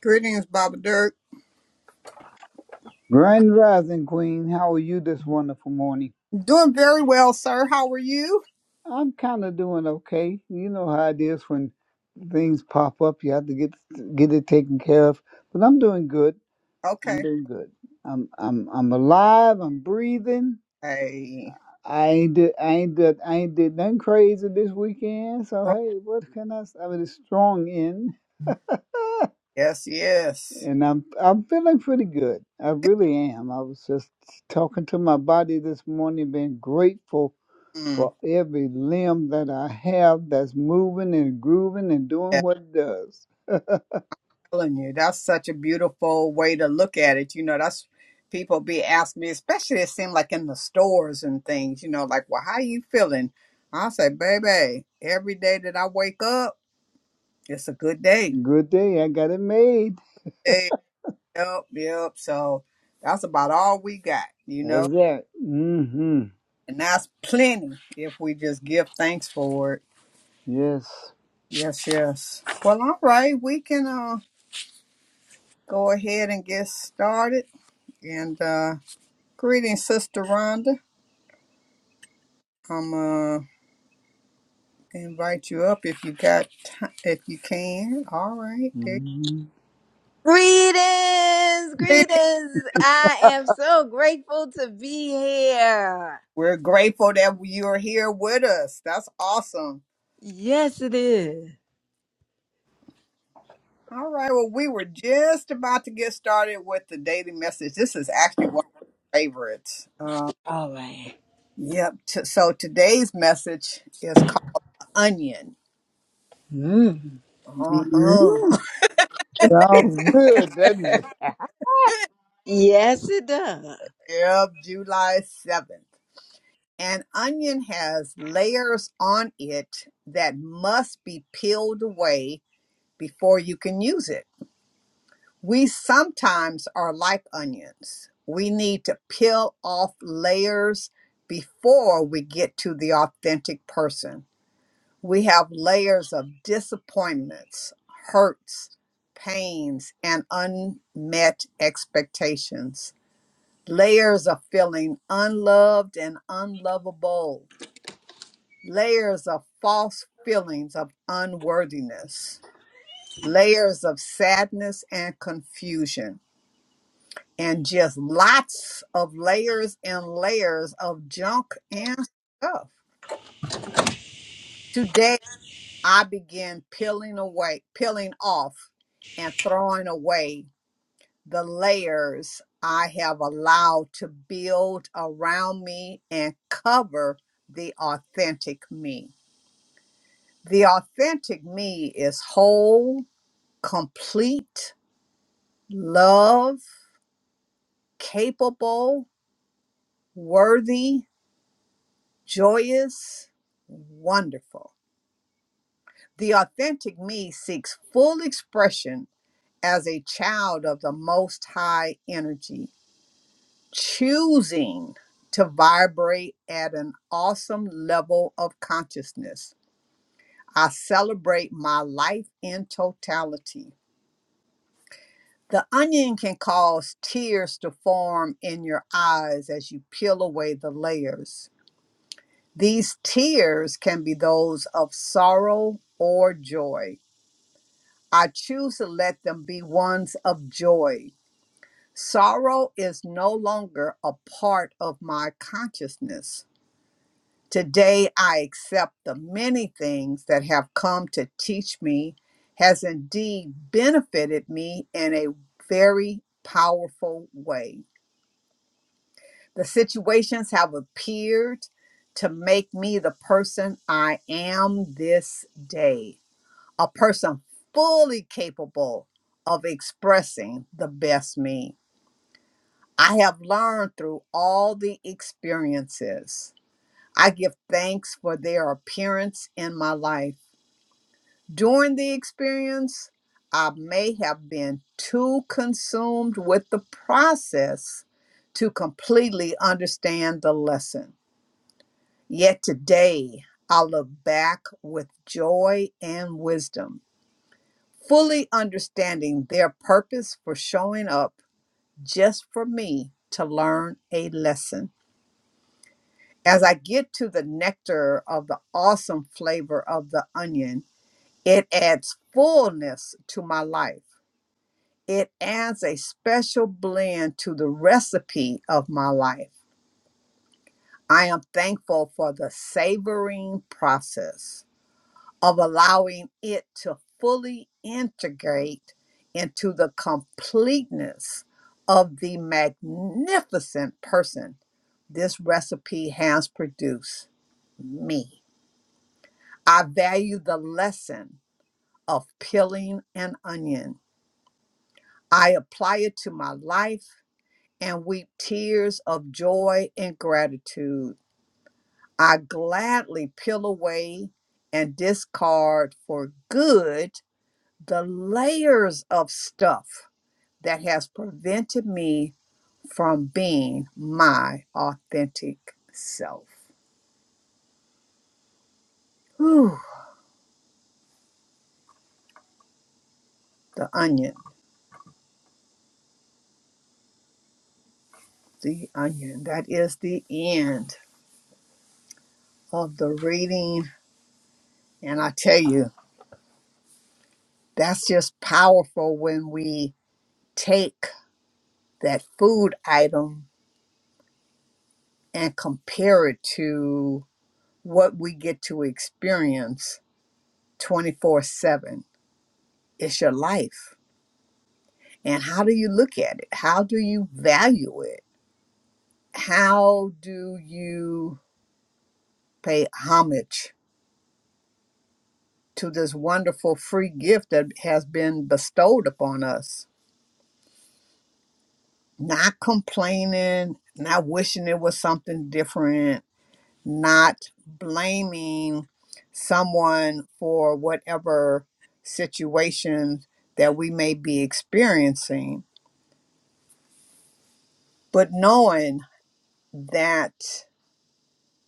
Greetings, Baba Dirk. Grand Rising Queen, how are you this wonderful morning? Doing very well, sir. How are you? I'm kind of doing okay. You know how it is when things pop up, you have to get get it taken care of. But I'm doing good. I'm Okay. doing good. I'm I'm I'm alive. I'm breathing. Hey. I ain't did I ain't did I ain't did nothing crazy this weekend. So Oh, hey, what can I? s- I mean, it's strong end. yes, yes. and I'm I'm feeling pretty good. I really am. I was just talking to my body this morning, being grateful Mm, for every limb that I have that's moving and grooving and yeah, doing I'm what it does. telling you, that's such a beautiful way to look at it. You know, that's people be asking me, especially it seems like in the stores and things, you know, like, well, how you feeling? I say, baby, every day that I wake up, it's a good day. Good day, I got it made. Hey, yep, yep. So that's about all we got, you That's know, that. Mm-hmm. and that's plenty if we just give thanks for it. Yes. Yes, yes. Well, all right, we can uh, go ahead and get started. And uh, greetings, Sister Rhonda. I'm uh invite you up if you got ti if you can. All right, there. hmm Greetings, greetings. greetings. I am so grateful to be here. We're grateful that you're here with us. That's awesome. Yes, it is. All right. Well, we were just about to get started with the daily message. This is actually one of my favorites. Um, All right. yep. T- so today's message is called Onion. Mm. Uh huh. Sounds good, doesn't it? Yes, it does. Of July 7th. An onion has layers on it that must be peeled away before you can use it. We sometimes are like onions. We need to peel off layers before we get to the authentic person. We have layers of disappointments, hurts, pains, and unmet expectations layers of feeling unloved and unlovable, layers of false feelings of unworthiness, layers of sadness and confusion, and just lots of layers and layers of junk and stuff. Today, I began peeling away, peeling off, and throwing away. the layers I have allowed to build around me and cover the authentic me. The authentic me is whole, complete, love, capable, worthy, joyous, wonderful. The authentic me seeks full expression as a child of the most high energy choosing to vibrate at an awesome level of consciousness. I celebrate my life in totality. The onion can cause tears to form in your eyes as you peel away the layers. These tears can be those of sorrow or joy. I choose to let them be ones of joy. Sorrow is no longer a part of my consciousness. Today, I accept the many things that have come to teach me has indeed benefited me in a very powerful way. The situations have appeared to make me the person I am this day, a person fully capable of expressing the best me. I have learned through all the experiences. I give thanks for their appearance in my life. During the experience, I may have been too consumed with the process to completely understand the lesson. Yet today, I look back with joy and wisdom, fully understanding their purpose for showing up just for me to learn a lesson. As I get to the nectar of the awesome flavor of the onion, it adds fullness to my life. It adds a special blend to the recipe of my life. I am thankful for the savoring process of allowing it to fully integrate into the completeness of the magnificent person this recipe has produced me. I value the lesson of peeling an onion. I apply it to my life and weep tears of joy and gratitude. I gladly peel away and discard for good the layers of stuff that has prevented me from being my authentic self. Whew, the onion, the onion. That is the end of the reading. And I tell you, that's just powerful when we take that food item and compare it to what we get to experience 24 7. It's your life. And how do you look at it? How do you value it? How do you pay homage to this wonderful free gift that has been bestowed upon us? Not complaining, not wishing it was something different, not blaming someone for whatever situation that we may be experiencing, but knowing that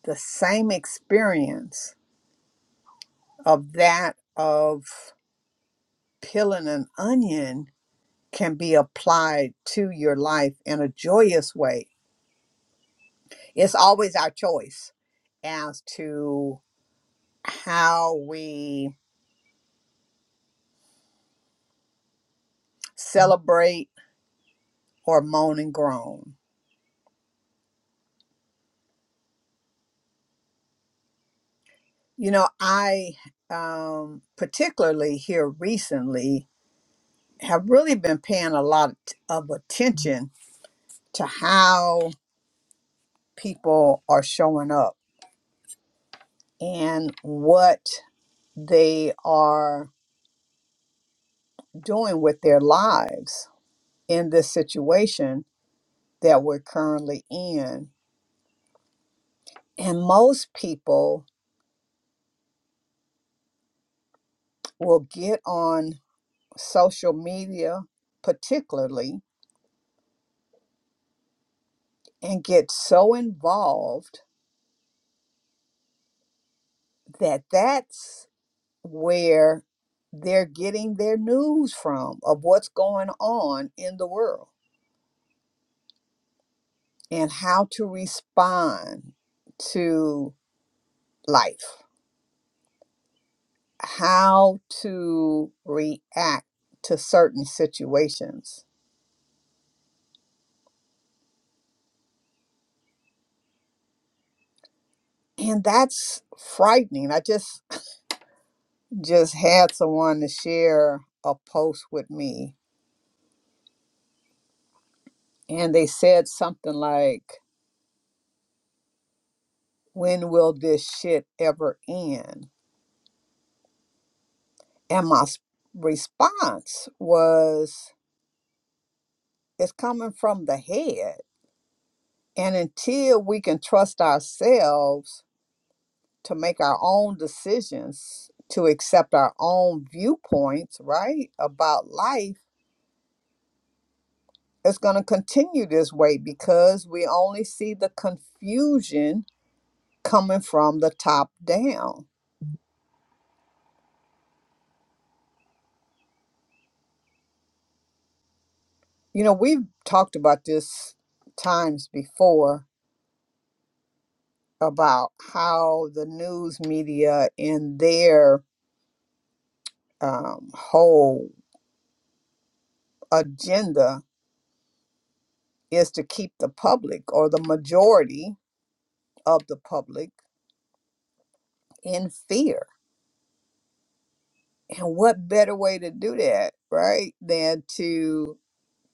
the same experience of that of peeling an onion can be applied to your life in a joyous way. It's always our choice as to how we celebrate or moan and groan You know, I um, particularly here recently have really been paying a lot of attention to how people are showing up and what they are doing with their lives in this situation that we're currently in. And most people will get on social media, particularly, and get so involved that that's where they're getting their news from of what's going on in the world and how to respond to life, how to react to certain situations. And that's frightening. I just just had someone to share a post with me and they said something like when will this shit ever end? And my s- response was It's coming from the head. And until we can trust ourselves to make our own decisions, to accept our own viewpoints, right, about life, it's going to continue this way because we only see the confusion coming from the top down. You know, we've talked about this times before about how the news media and their um, whole agenda is to keep the public or the majority of the public in fear. And what better way to do that, right, than to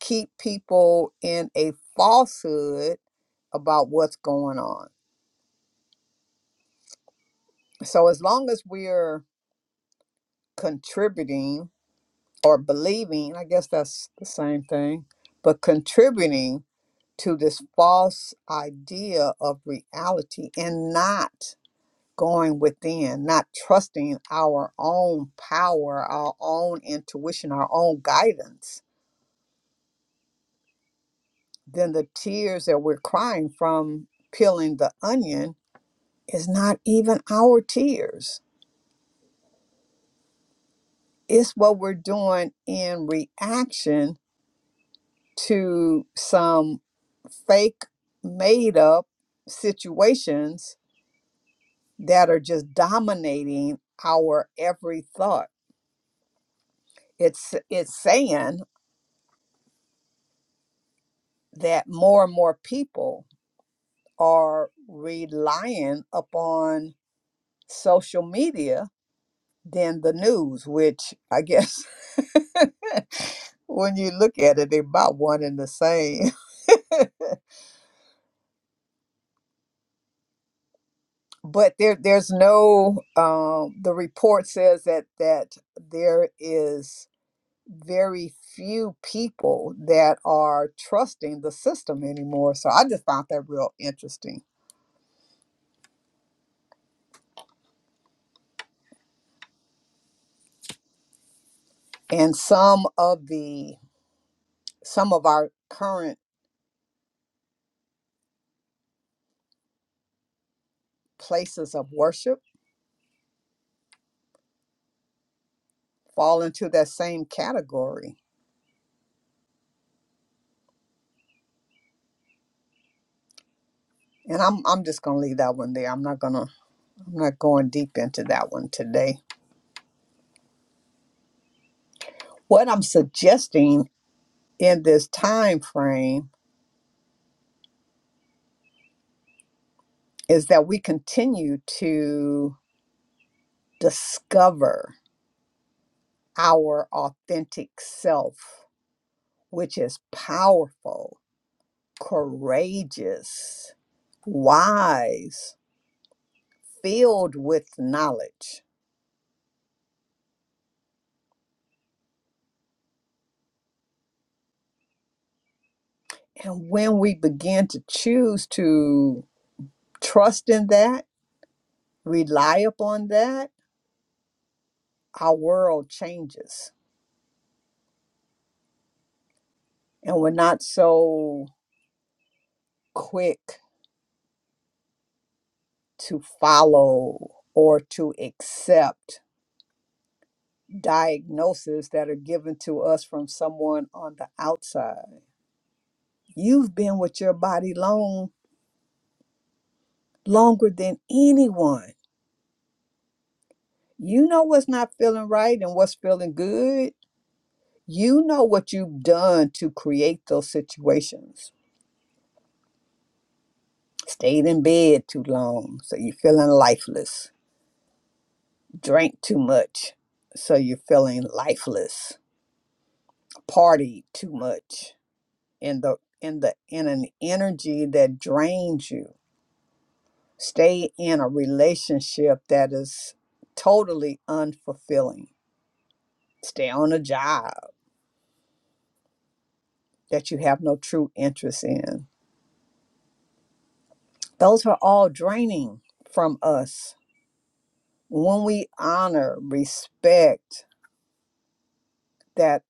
keep people in a falsehood about what's going on. So as long as we're contributing or believing, I guess that's the same thing, but contributing to this false idea of reality and not going within, not trusting our own power, our own intuition, our own guidance, then the tears that we're crying from peeling the onion is not even our tears. It's what we're doing in reaction to some fake, made up situations that are just dominating our every thought. It's it's saying that more and more people are relying upon social media than the news, which I guess when you look at it, they're about one and the same. But there, there's no. Um, the report says that that there is very few people that are trusting the system anymore. So I just found that real interesting. And some of the some of our current places of worship fall into that same category. And I'm I'm just gonna leave that one there. I'm not gonna I'm not going deep into that one today. What I'm suggesting in this time frame is that we continue to discover our authentic self, which is powerful, courageous, wise, filled with knowledge. And when we begin to choose to trust in that rely upon that, our world changes and we're not so quick to follow or to accept diagnoses that are given to us from someone on the outside. You've been with your body long, longer than anyone. You know what's not feeling right and what's feeling good. You know what you've done to create those situations. Stayed in bed too long, so you're feeling lifeless drank too much so you're feeling lifeless partied too much in the in the in an energy that drains you stay in a relationship that is totally unfulfilling stay on a job that you have no true interest in those are all draining from us when we honor respect that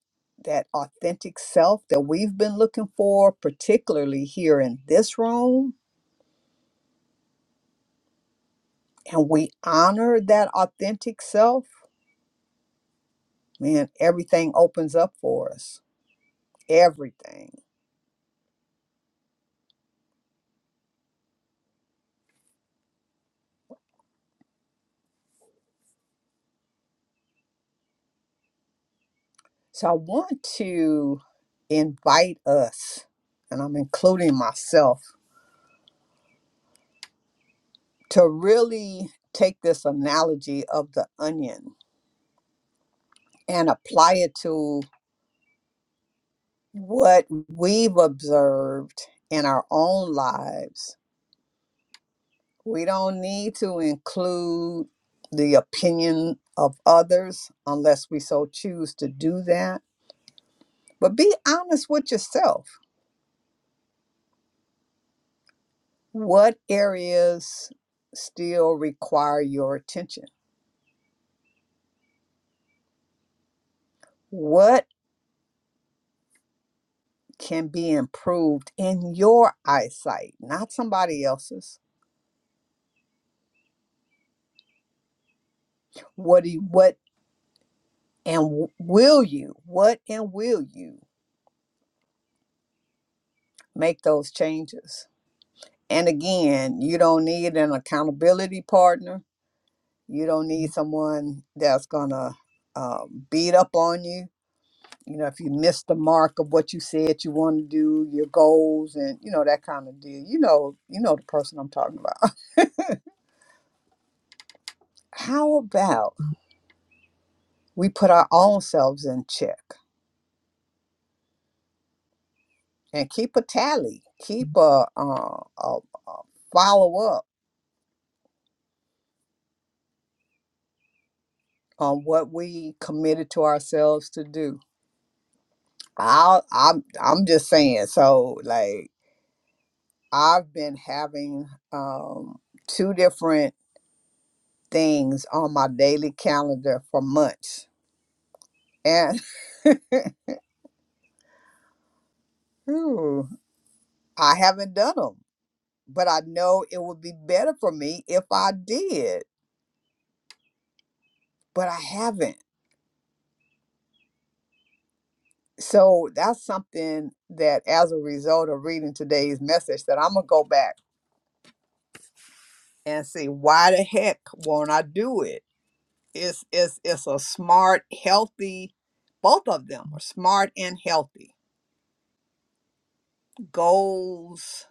that authentic self that we've been looking for particularly here in this room and we honor that authentic self, man, everything opens up for us. Everything. So I want to invite us, and I'm including myself, to really take this analogy of the onion and apply it to what we've observed in our own lives. We don't need to include the opinion of others unless we so choose to do that But be honest with yourself. What areas still require your attention? What can be improved in your eyesight, not somebody else's? What do you, what and will you? What and will you make those changes? And again, you don't need an accountability partner. You don't need someone that's gonna uh, beat up on you you know, if you miss the mark of what you said you want to do, your goals, and you know that kind of deal. You know, you know the person I'm talking about. How about we put our own selves in check and keep a tally, keep a, uh, a, a follow up on what we committed to ourselves to do. I, I'm I'm just saying. So like I've been having um, two different things on my daily calendar for months. and. Ooh, I haven't done them, but I know it would be better for me if I did, but I haven't. So that's something that, as a result of reading today's message, that I'm gonna go back and see why the heck won't I do it? It's it's it's a smart, healthy. Both of them are smart and healthy goals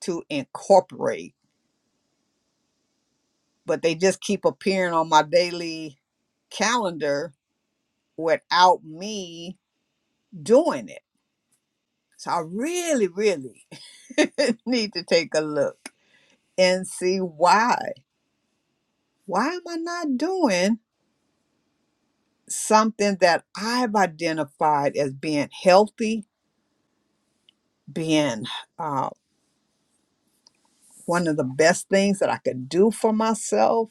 to incorporate, but they just keep appearing on my daily calendar without me doing it. So I really, really need to take a look and see why. Why am I not doing something that I've identified as being healthy, being uh, one of the best things that I could do for myself?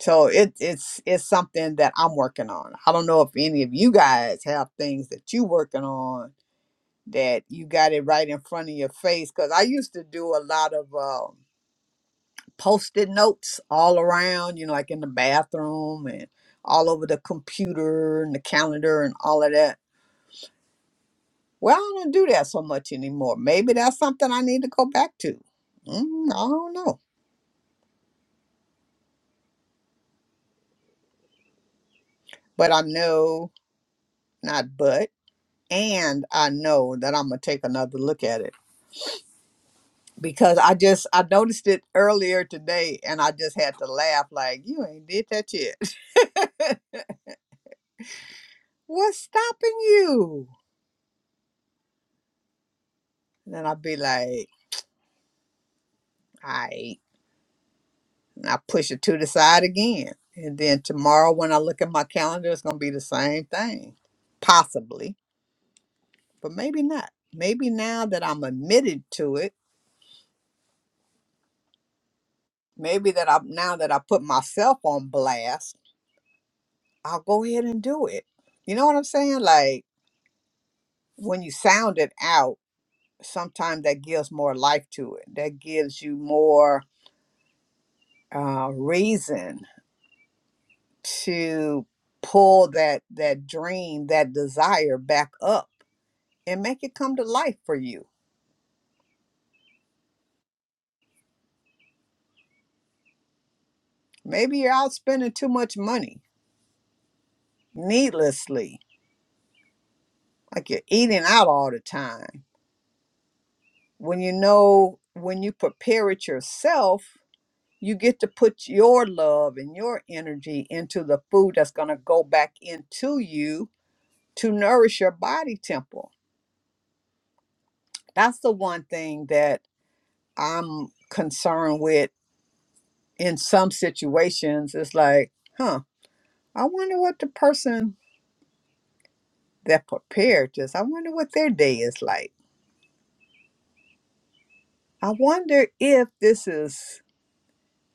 So it, it's it's something that I'm working on. I don't know if any of you guys have things that you working on that you got it right in front of your face. Because I used to do a lot of. uh, post-it notes all around, you know, like in the bathroom and all over the computer and the calendar and all of that. Well, I don't do that so much anymore. Maybe that's something I need to go back to. Mm, I don't know. But I know, not but, and I know that I'm going to take another look at it because I just, I noticed it earlier today and I just had to laugh like, you ain't did that yet. What's stopping you? And then I'd be like, all right. I push it to the side again. And then tomorrow when I look at my calendar, it's gonna be the same thing. Possibly, but maybe not. Maybe now that I'm admitted to it, maybe that I'm now that I put myself on blast, I'll go ahead and do it. You know what I'm saying? Like when you sound it out, sometimes that gives more life to it. That gives you more uh reason to pull that that dream, that desire back up and make it come to life for you. Maybe you're out spending too much money needlessly, like you're eating out all the time. When you know, when you prepare it yourself, you get to put your love and your energy into the food that's going to go back into you to nourish your body temple. That's the one thing that I'm concerned with in some situations. It's like, huh, I wonder what the person that prepared us. I wonder what their day is like. I wonder if this is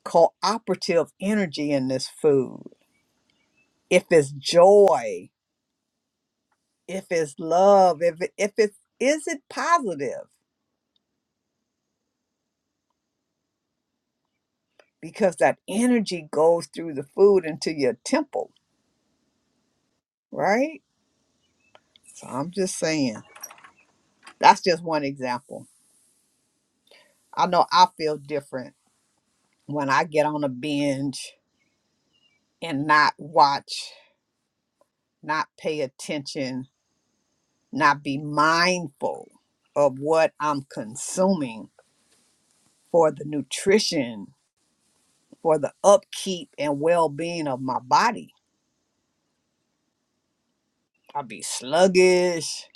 cooperative energy in this food, if it's joy, if it's love, if it, if it's is it positive? Because that energy goes through the food into your temple, right? So I'm just saying that's just one example. I know I feel different when I get on a binge and not watch, not pay attention, not be mindful of what I'm consuming for the nutrition, for the upkeep and well being of my body. I'll be sluggish.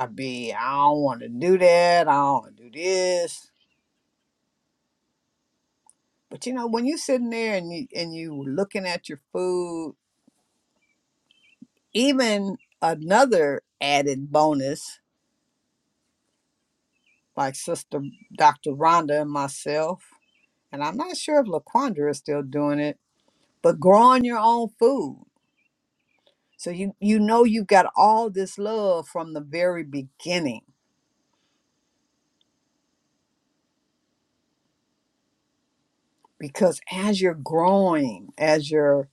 I'll be, I don't want to do that. I don't want to do this. But you know, when you're sitting there and you and you looking at your food, even another added bonus, like Sister Dr. Rhonda and myself, and I'm not sure if Laquandra is still doing it, but growing your own food So you you know you've got all this love from the very beginning because as you're growing, as you're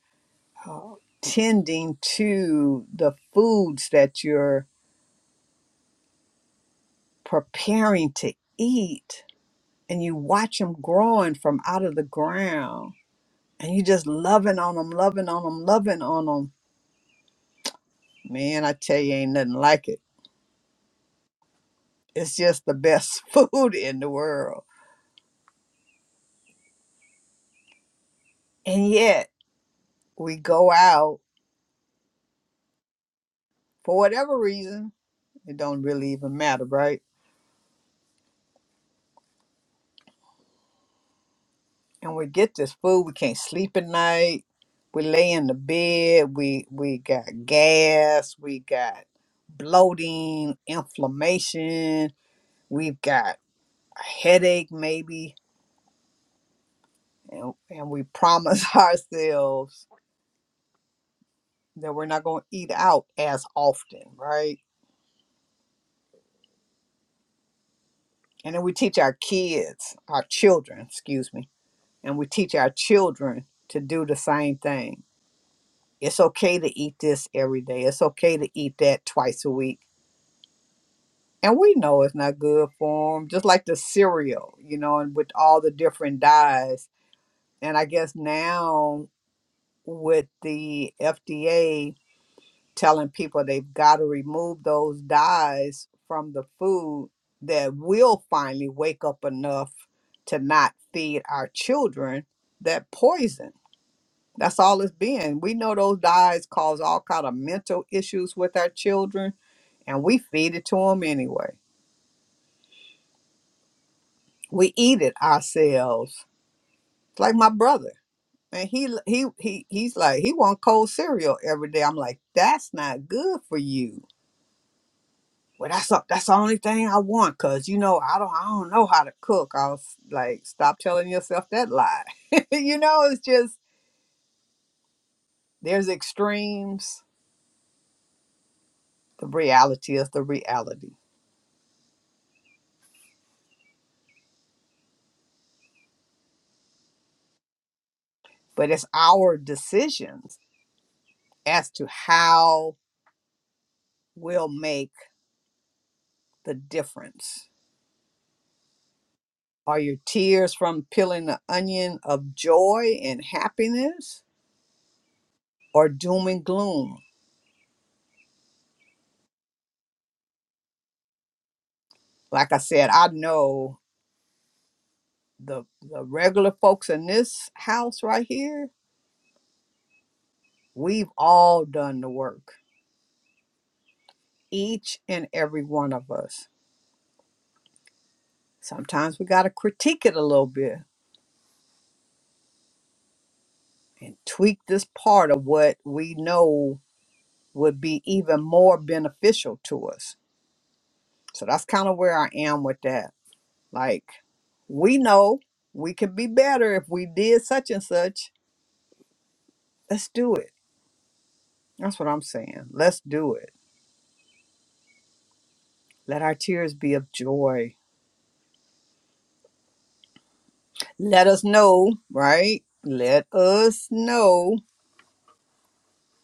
uh, tending to the foods that you're preparing to eat, and you watch them growing from out of the ground, and you just loving on them, loving on them, loving on them. Man, I tell you, ain't nothing like it. It's just the best food in the world. And yet we go out for whatever reason It don't really even matter, right? And we get this food, we can't sleep at night. We lay in the bed, we we got gas, we got bloating, inflammation, we've got a headache maybe, and, and we promise ourselves that we're not gonna eat out as often, right? And then we teach our kids, our children, excuse me, and we teach our children to do the same thing It's okay to eat this every day. It's okay to eat that twice a week. And we know it's not good for them, just like the cereal, you know, and with all the different dyes. And I guess now with the FDA telling people they've got to remove those dyes from the food, that we'll finally wake up enough to not feed our children that poison That's all it's been. We know those dyes cause all kind of mental issues with our children, and we feed it to them anyway. We eat it ourselves. It's like my brother, and he he he he's like he want cold cereal every day. I'm like, that's not good for you. Well, that's a, that's the only thing I want, cause you know I don't I don't know how to cook. I was like, stop telling yourself that lie. you know, it's just there's extremes. The reality is the reality but it's our decisions as to how we'll make the difference. Are your tears from peeling the onion of joy and happiness or doom and gloom? Like I said, I know the, the regular folks in this house right here, we've all done the work, each and every one of us. Sometimes we got to critique it a little bit and tweak this part of what we know would be even more beneficial to us. So that's kind of where I am with that. Like, we know we could be better if we did such and such. Let's do it. That's what I'm saying. Let's do it. Let our tears be of joy. Let us know, right? Let us know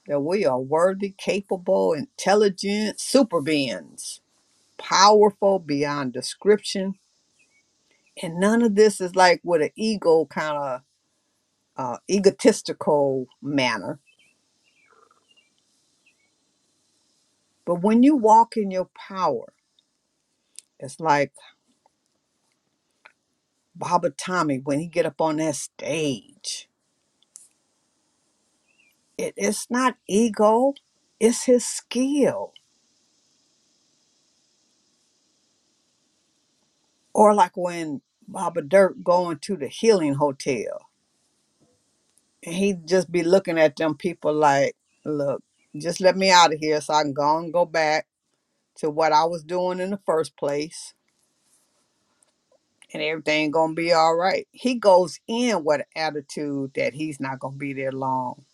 that we are worthy, capable, intelligent super beings, powerful beyond description. And none of this is like with an ego kind of uh, egotistical manner. But when you walk in your power, it's like Baba Tommy when he get up on that stage. It, it's not ego, it's his skill. Or like when Baba Dirk going to the healing hotel and he just be looking at them people like, look, just let me out of here so I can go and go back to what I was doing in the first place and everything gonna be all right. He goes in with an attitude that he's not gonna be there long.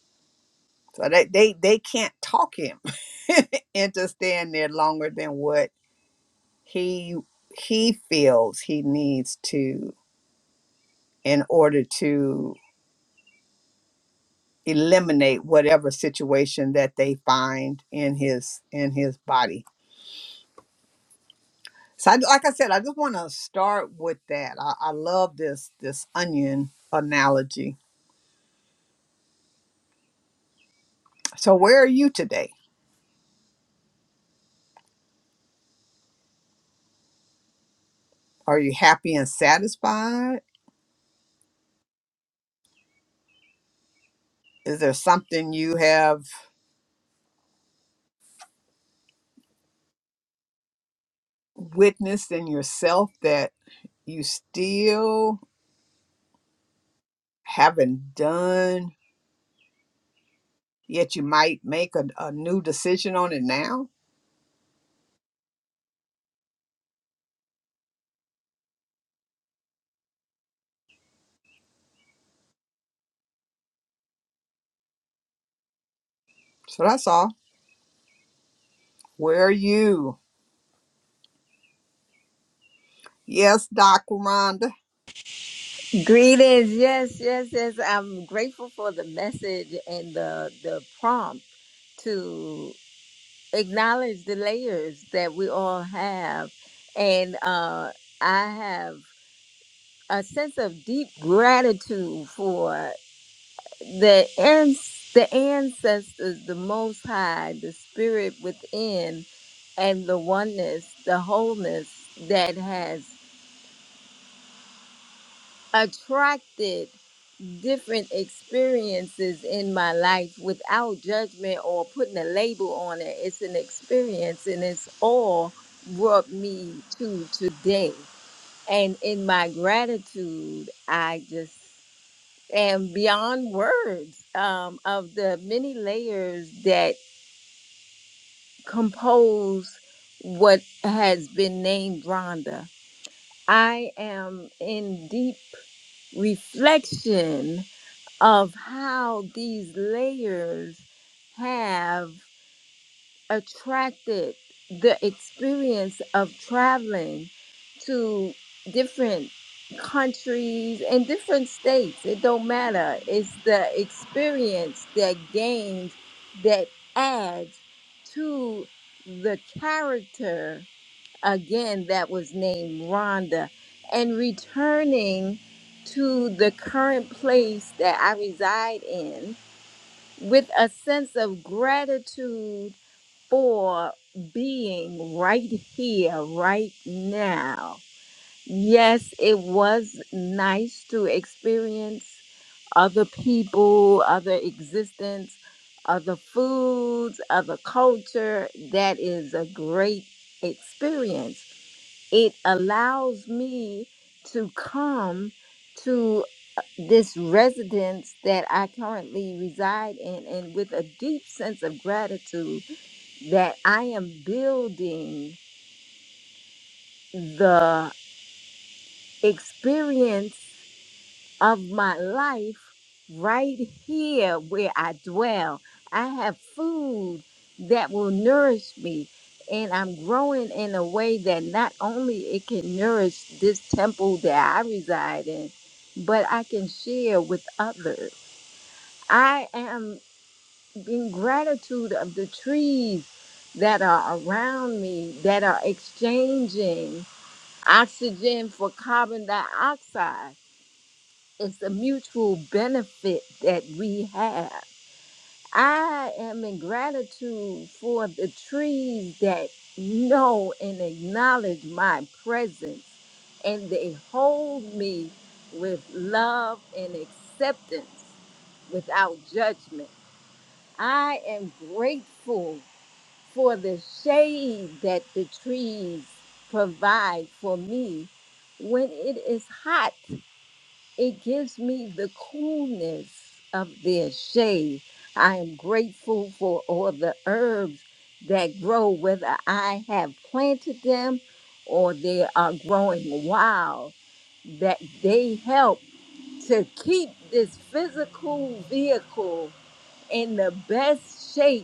So they they, they can't talk him into staying there longer than what he he feels he needs to in order to eliminate whatever situation that they find in his in his body. So I, like I said, I just want to start with that. I, I love this this onion analogy. So where are you today? Are you happy and satisfied? Is there something you have witnessed in yourself that you still haven't done, yet you might make a, a new decision on it now? So that's all. Where are you? Yes, Doc Rhonda. Greetings. Yes, yes, yes. I'm grateful for the message and the the prompt to acknowledge the layers that we all have, and uh, I have a sense of deep gratitude for. the ans- the ancestors, the Most High, the Spirit within, and the oneness, the wholeness that has attracted different experiences in my life without judgment or putting a label on it. It's an experience, and it's all brought me to today. And in my gratitude, I just am beyond words um, of the many layers that compose what has been named Rhonda. I am in deep reflection of how these layers have attracted the experience of traveling to different countries and different states it don't matter it's the experience that gains that adds to the character again that was named rhonda and returning to the current place that i reside in with a sense of gratitude for being right here, right now. Yes, it was nice to experience other people, other existence, other foods, other culture. That is a great experience. It allows me to come to this residence that I currently reside in and with a deep sense of gratitude that I am building the experience of my life right here where I dwell. I have food that will nourish me, and I'm growing in a way that not only it can nourish this temple that I reside in, but I can share with others. I am in gratitude of the trees that are around me that are exchanging oxygen for carbon dioxide. It's a mutual benefit that we have. I am in gratitude for the trees that know and acknowledge my presence and they hold me with love and acceptance without judgment. I am grateful for the shade that the trees provide for me. When it is hot, it gives me the coolness of their shade. I am grateful for all the herbs that grow, whether I have planted them or they are growing wild, that they help to keep this physical vehicle in the best shape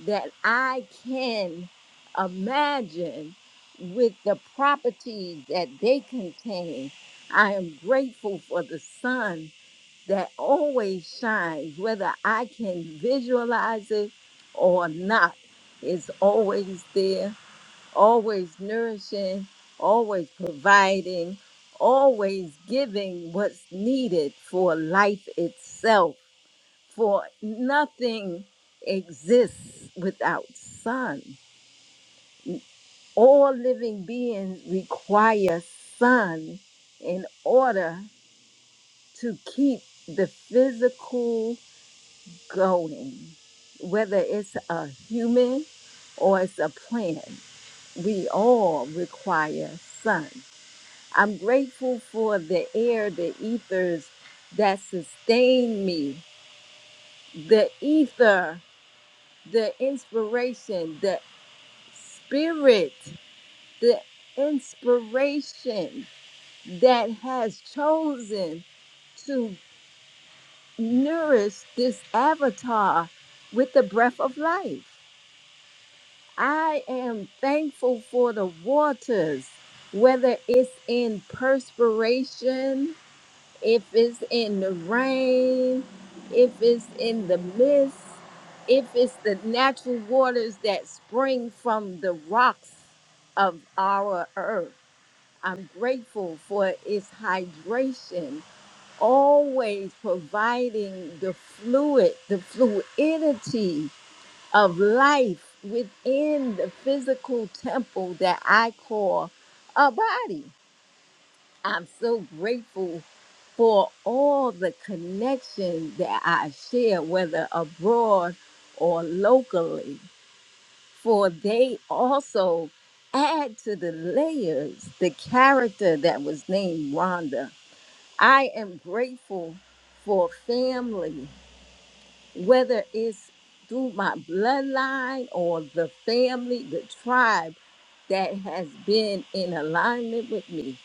that I can imagine with the properties that they contain. I am grateful for the sun that always shines, whether I can visualize it or not. It's always there, always nourishing, always providing, always giving what's needed for life itself for nothing exists without sun. All living beings require sun in order to keep the physical going, whether it's a human or it's a plant. We all require sun. I'm grateful for the air, the ethers that sustain me, the ether the inspiration, the spirit, the inspiration that has chosen to nourish this avatar with the breath of life. I am thankful for the waters, whether it's in perspiration, if it's in the rain, if it's in the mist, if it's the natural waters that spring from the rocks of our earth. I'm grateful for its hydration, always providing the fluid, the fluidity of life within the physical temple that I call a body. I'm so grateful for all the connections that I share, whether abroad or locally for they also add to the layers the character that was named Rhonda. I am grateful for family, whether it's through my bloodline or the family, the tribe that has been in alignment with me.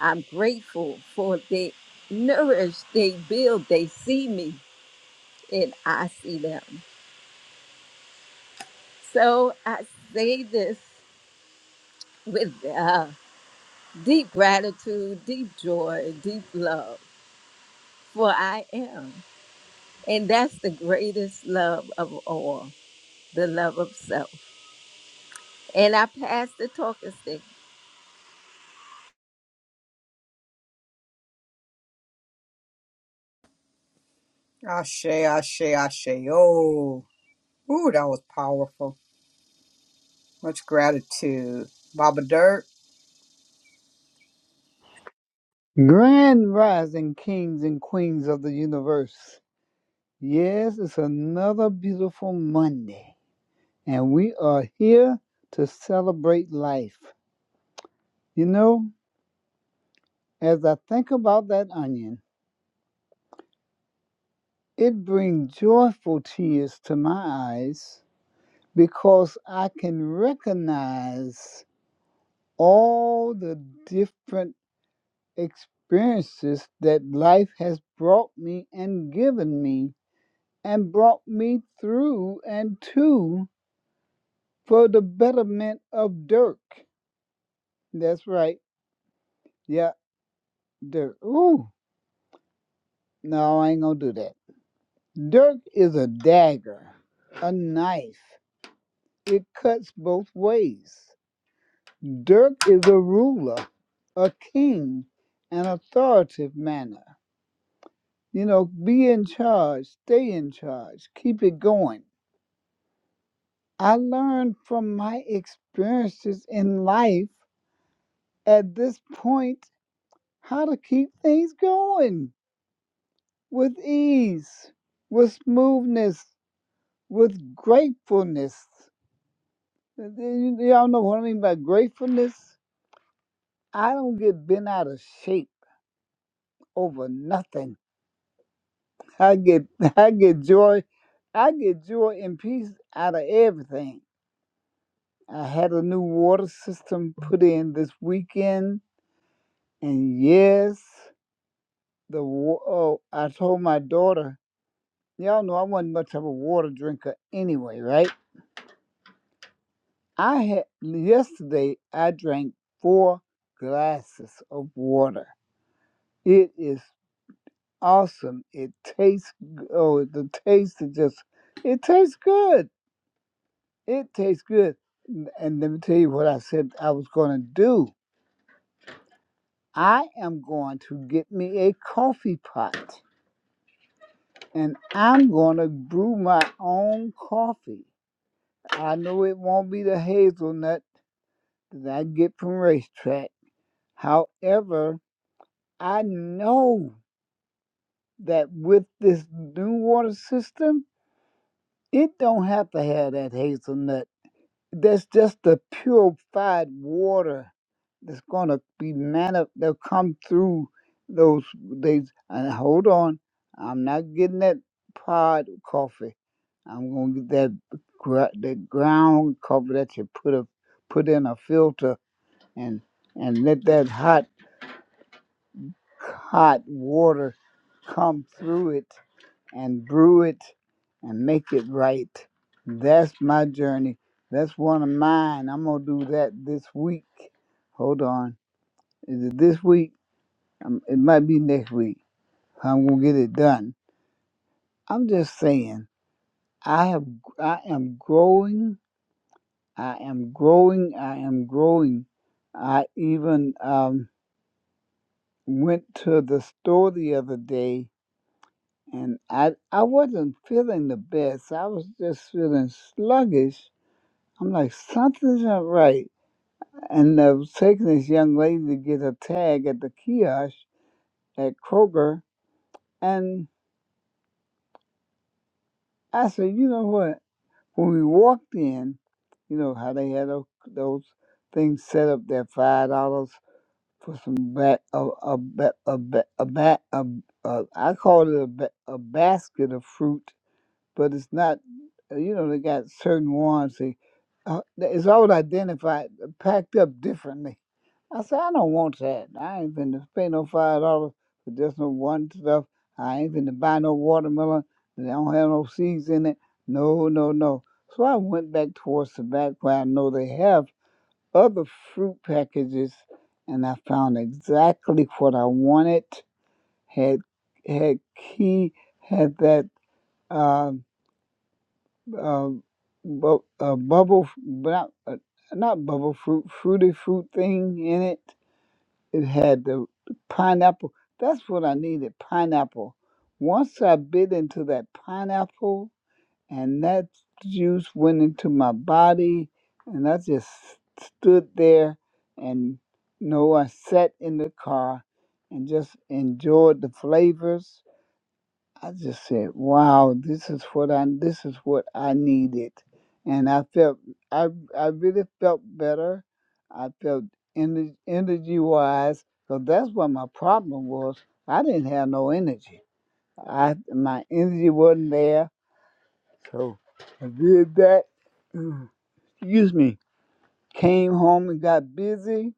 I'm grateful for they nourish, they build, they see me, and I see them. So I say this with love deep gratitude, deep joy, deep love, for I am. And that's the greatest love of all, the love of self. And I pass the talking stick. Ashe, ashe, ashe. Oh, ooh, that was powerful. Much gratitude, Baba Dirk. Grand rising kings and queens of the universe. Yes, it's another beautiful Monday. and we are here to celebrate life. You know, as I think about that onion, it brings joyful tears to my eyes because I can recognize all the different experiences that life has brought me and given me and brought me through and to for the betterment of Dirk. That's right. Yeah, Dirk. Ooh, no, I ain't gonna do that. Dirt is a dagger, a knife. It cuts both ways. Dirk is a ruler, a king, an authoritative manner. You know, be in charge, stay in charge, keep it going. I learned from my experiences in life at this point how to keep things going with ease, with smoothness, with gratefulness. And then you- Y'all know what I mean by gratefulness. I don't get bent out of shape over nothing. I get I get joy. I get joy and peace out of everything. I had a new water system put in this weekend, and yes, the wa- oh, I told my daughter. Y'all know I wasn't much of a water drinker anyway, right? I had yesterday. I drank four glasses of water. It is awesome. It tastes g- oh the taste is just it tastes good. It tastes good. N- And let me tell you what I said I was gonna do. I am going to get me a coffee pot and I'm gonna brew my own coffee. I know it won't be the hazelnut that I get from racetrack. However, I know that with this new water system, it don't have to have that hazelnut That's just the purified water that's gonna be manna that'll come through those days. And hold on, I'm not getting that pod coffee. I'm gonna get that gra- that ground coffee that you put a put in a filter and and let that hot hot water come through it and brew it and make it right. That's my journey. That's one of mine. I'm gonna do that this week. Hold on, is it this week? Um, it might be next week. I'm gonna get it done. I'm just saying. I have. I am growing. I am growing. I am growing. I even um, went to the store the other day, and I I wasn't feeling the best. I was just feeling sluggish I'm like, something's not right. And I was taking this young lady to get a tag at the kiosk at Kroger. And I said, you know what? When we walked in, you know how they had those, those things set up there, five dollars for some bat, a a ba- a ba- a, ba- a, a I called it a, ba- a basket of fruit but it's not. uh, You know, they got certain ones. They, uh, it's all identified, uh, packed up differently. I said, I don't want that. I ain't finna pay no five dollars for just no one stuff. I ain't finna buy no watermelon that don't have no seeds in it. No, no, no. So I went back towards the back where I know they have other fruit packages, and I found exactly what I wanted. Had had key, had that. uh, uh, bu- a bubble, not, uh, not bubble fruit, fruity fruit thing in it. It had the pineapple. That's what I needed, pineapple. Once I bit into that pineapple and that juice went into my body and I just stood there and no, I sat in the car and just enjoyed the flavors I just said, "Wow, this is what I this is what I needed," and I felt I I really felt better. I felt energy energy wise, so that's what my problem was. I didn't have no energy. I my energy wasn't there, so I did that. Excuse me. Came home and got busy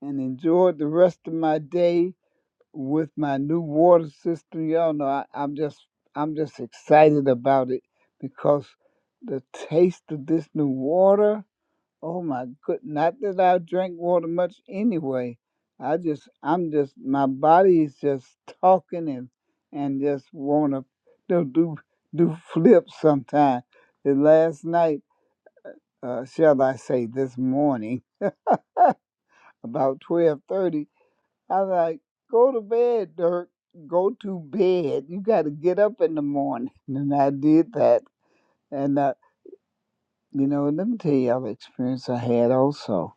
and enjoyed the rest of my day with my new water system, y'all know I, I'm just I'm just excited about it because the taste of this new water, oh my good not that I drink water much anyway. I just I'm just my body is just talking and and just wanna you know, do do flips sometime. And last night, uh, shall I say this morning, about 12:30. I'm like, go to bed, Dirk. Go to bed. You got to get up in the morning. And I did that. And, uh, you know, let me tell you an experience I had also.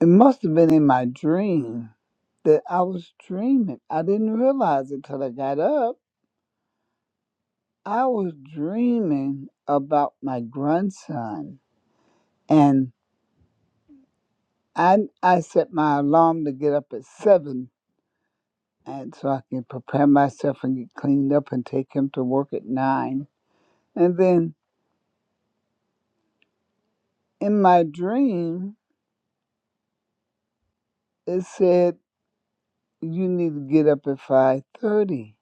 It must have been in my dream that I was dreaming. I didn't realize it till I got up. I was dreaming about my grandson. And I, I set my alarm to get up at 7 and so I can prepare myself and get cleaned up and take him to work at 9 And then in my dream, it said, "You need to get up at 5:30."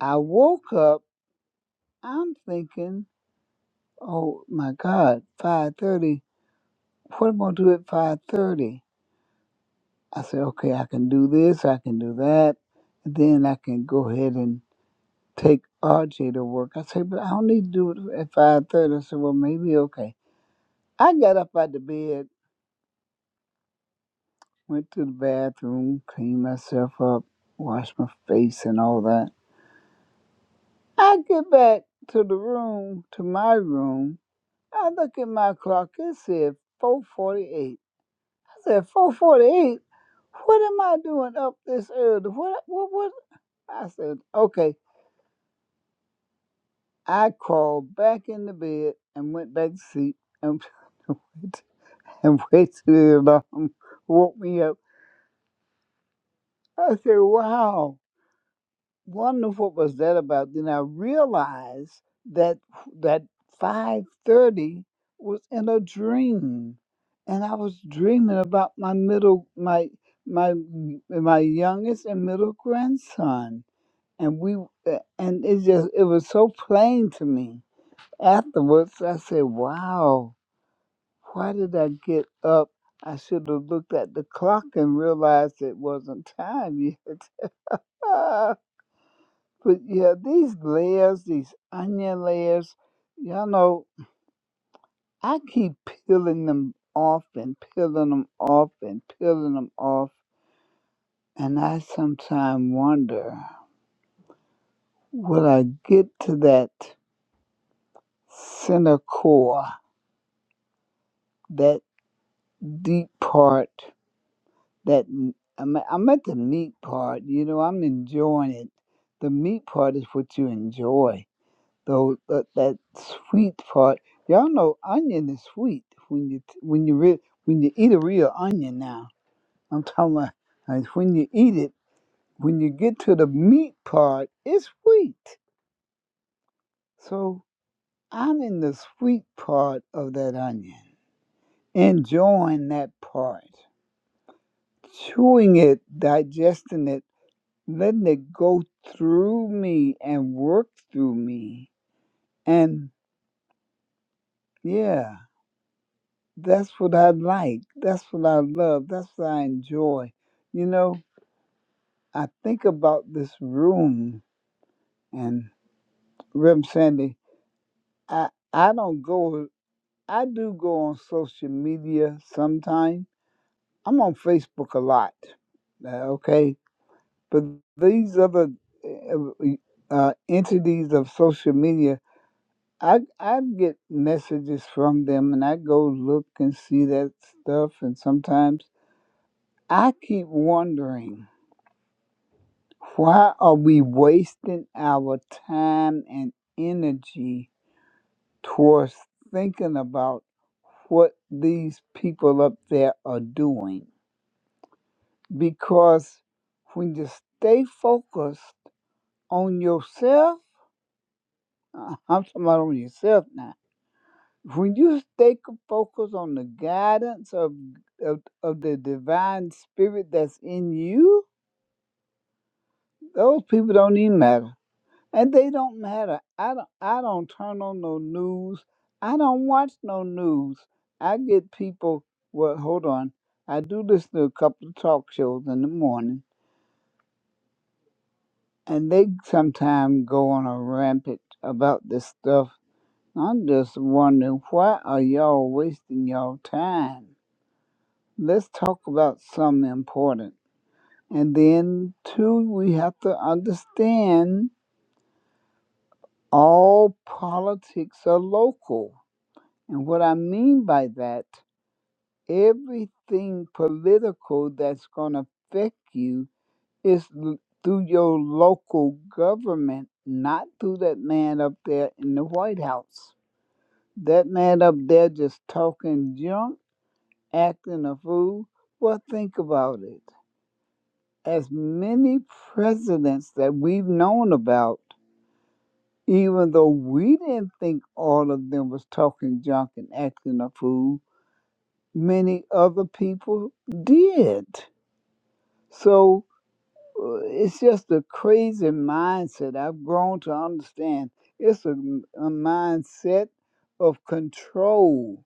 I woke up. I'm thinking, "Oh my God, 5:30. What am I gonna do at 5:30?" I said, "Okay, I can do this. I can do that. And then I can go ahead and take RJ to work." I said, "But I don't need to do it at 5:30." I said, "Well, maybe okay." I got up out of bed, went to the bathroom, cleaned myself up, washed my face, and all that. I get back to the room, to my room. I look at my clock. It said 4:48. I said 4:48. What am I doing up this early? What? What? What? I said, okay. I crawled back in the bed and went back to sleep and and waited till the alarm woke me up. I said, wow. wondered what was that about? Then I realized that that five thirty was in a dream, and I was dreaming about my middle my my my youngest and middle grandson, and we uh, and it just it was so plain to me. Afterwards, I said, "Wow, why did I get up?" I should have looked at the clock and realized it wasn't time yet. But yeah, these layers, these onion layers, y'all know, I keep peeling them off and peeling them off and peeling them off. And I sometimes wonder, will I get to that center core, that deep part, that I'm, I'm at the meat part, you know, I'm enjoying it. The meat part is what you enjoy though that, that sweet part. Y'all know onion is sweet when you when you re, when you eat a real onion. Now I'm talking about like, when you eat it. When you get to the meat part, it's sweet. So I'm in the sweet part of that onion, enjoying that part, chewing it, digesting it, letting it go through me and work through me, and yeah That's what I like. That's what I love. That's what I enjoy. You know, I think about this room and Rem Sandy. I I don't go. I do go on social media sometime. I'm on Facebook a lot. uh, okay, but these other uh, uh, entities of social media, I I get messages from them, and I go look and see that stuff, and sometimes I keep wondering. Why are we wasting our time and energy towards thinking about what these people up there are doing? Because when you stay focused on yourself, uh, I'm talking about on yourself now. When you stay c- focused on the guidance of, of of the divine spirit that's in you, those people don't even matter. and they don't matter. I don't. I don't turn on no news. I don't watch no news. I get people. Well, hold on. I do listen to a couple of talk shows in the morning, and they sometimes go on a rampage about this stuff. I'm just wondering why are y'all wasting y'all time? Let's talk about something important. And then two, we have to understand all politics are local And what I mean by that, everything political that's going to affect you is l- through your local government, not through that man up there in the White House. That man up there just talking junk, acting a fool. Well, think about it. As many presidents that we've known about, even though we didn't think all of them was talking junk and acting a fool, many other people did. So uh, it's just a crazy mindset. I've grown to understand it's a, a mindset of control.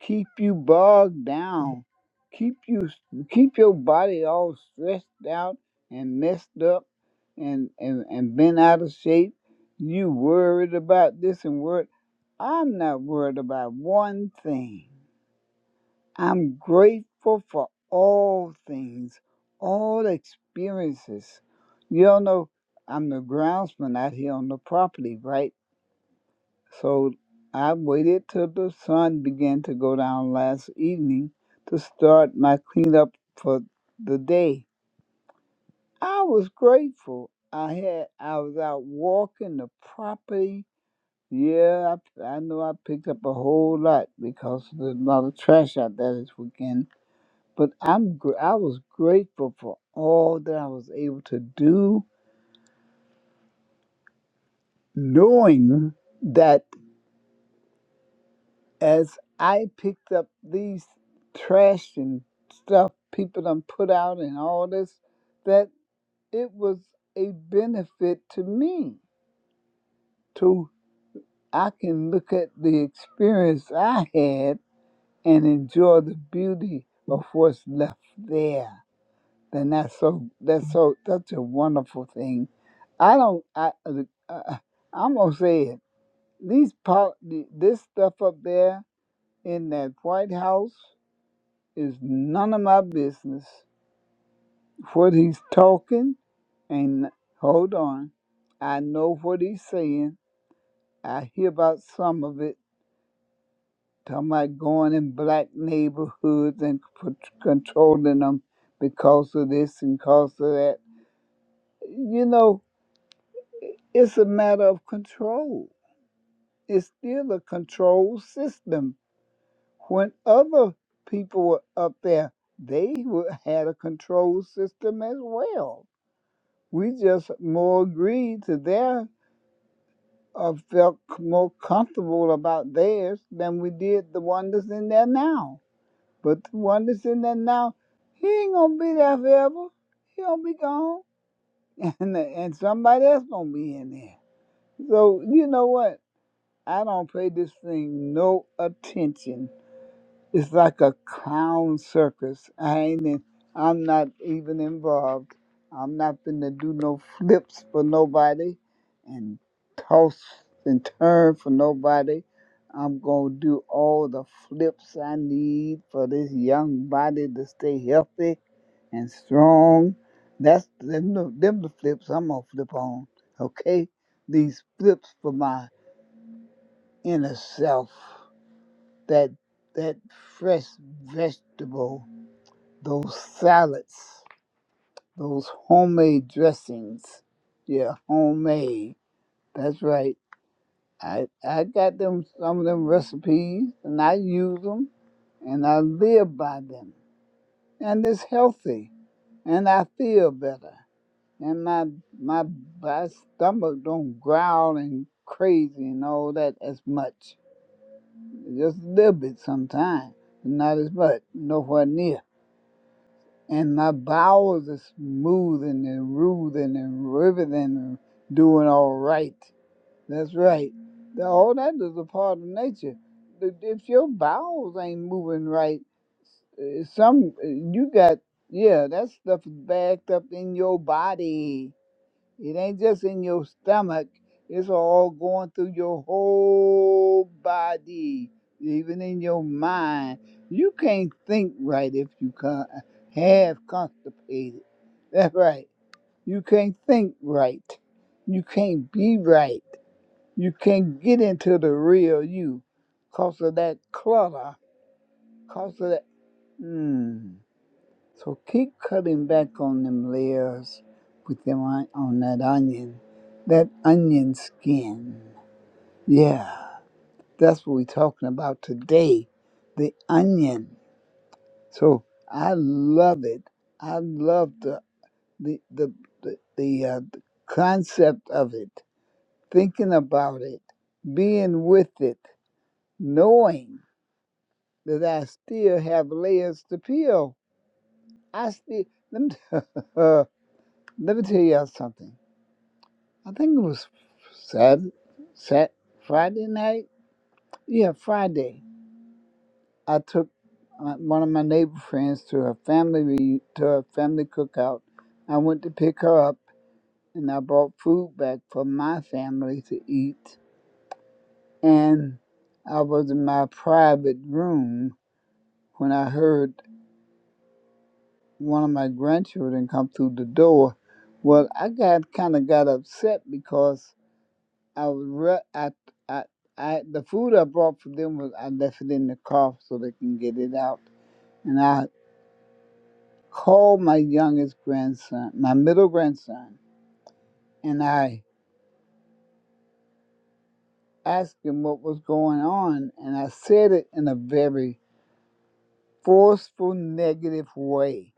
Keep you bogged down. Keep you keep your body all stressed out and messed up and, and, and bent out of shape. You worried about this and worried. I'm not worried about one thing. I'm grateful for all things, all experiences. You all know I'm the groundsman out here on the property, right? So I waited till the sun began to go down last evening to start my cleanup for the day. I was grateful. I had I was out walking the property. Yeah, I, I know I picked up a whole lot because there's a lot of trash out there this weekend but I'm gr- I was grateful for all that I was able to do, knowing that as I picked up these trash and stuff people done put out and all this, that it was a benefit to me. To I can look at the experience I had and enjoy the beauty of what's left there. then that's so that's so that's a wonderful thing. I don't I uh, I'm gonna say it. These pol- this stuff up there in that White House is none of my business. What he's talking and hold on, I know what he's saying. I hear about some of it. Talking about going in black neighborhoods and c- controlling them because of this and because of that. You know, It's a matter of control. It's still a control system. When other people were up there, they wa- had a control system as well. We just more agreed to their, uh, felt c- more comfortable about theirs than we did the one that's in there now. But the one that's in there now, he ain't gonna be there forever. He gonna be gone, and and somebody else gonna be in there. So you know what? I don't pay this thing no attention. It's like a clown circus. I ain't in, I'm not even involved. I'm not gonna do no flips for nobody and toss and turn for nobody. I'm gonna do all the flips I need for this young body to stay healthy and strong. That's them, the- them the flips I'm gonna flip on. Okay? These flips for my inner self that that fresh vegetable, those salads, those homemade dressings. Yeah, homemade. That's right. I I got them some of them recipes and I use them and I live by them. And it's healthy and I feel better. And my my my stomach don't growl and crazy and all that as much. Just a little bit sometimes, not as much, nowhere near. and my bowels are smoothing and roothing and riveting and doing all right. That's right. All that is a part of nature. If your bowels ain't moving right, eh, some eh, you got yeah, that stuff is backed up in your body. It ain't just in your stomach, it's all going through your whole body, even in your mind. You can't think right if you con- have constipated. That's right. You can't think right. You can't be right. You can't get into the real you because of that clutter, because of that. Hmm. So keep cutting back on them layers with them on, on that onion, that onion skin. Yeah, that's what we're talking about today, the onion. So I love it. I love the the the the, the, uh, the concept of it, thinking about it, being with it, knowing that I still have layers to peel. I still let me, let me tell y'all something I think it was Saturday, Sat Friday night. Yeah, Friday. I took uh, one of my neighbor friends to her family reu- to her family cookout. I went to pick her up, and I brought food back for my family to eat. And I was in my private room when I heard one of my grandchildren come through the door. Well, I got kind of got upset because I was re- I, I, I, the food I brought for them was I left it in the car so they can get it out. And I called my youngest grandson, my middle grandson, and I asked him what was going on. And I said it in a very forceful, negative way.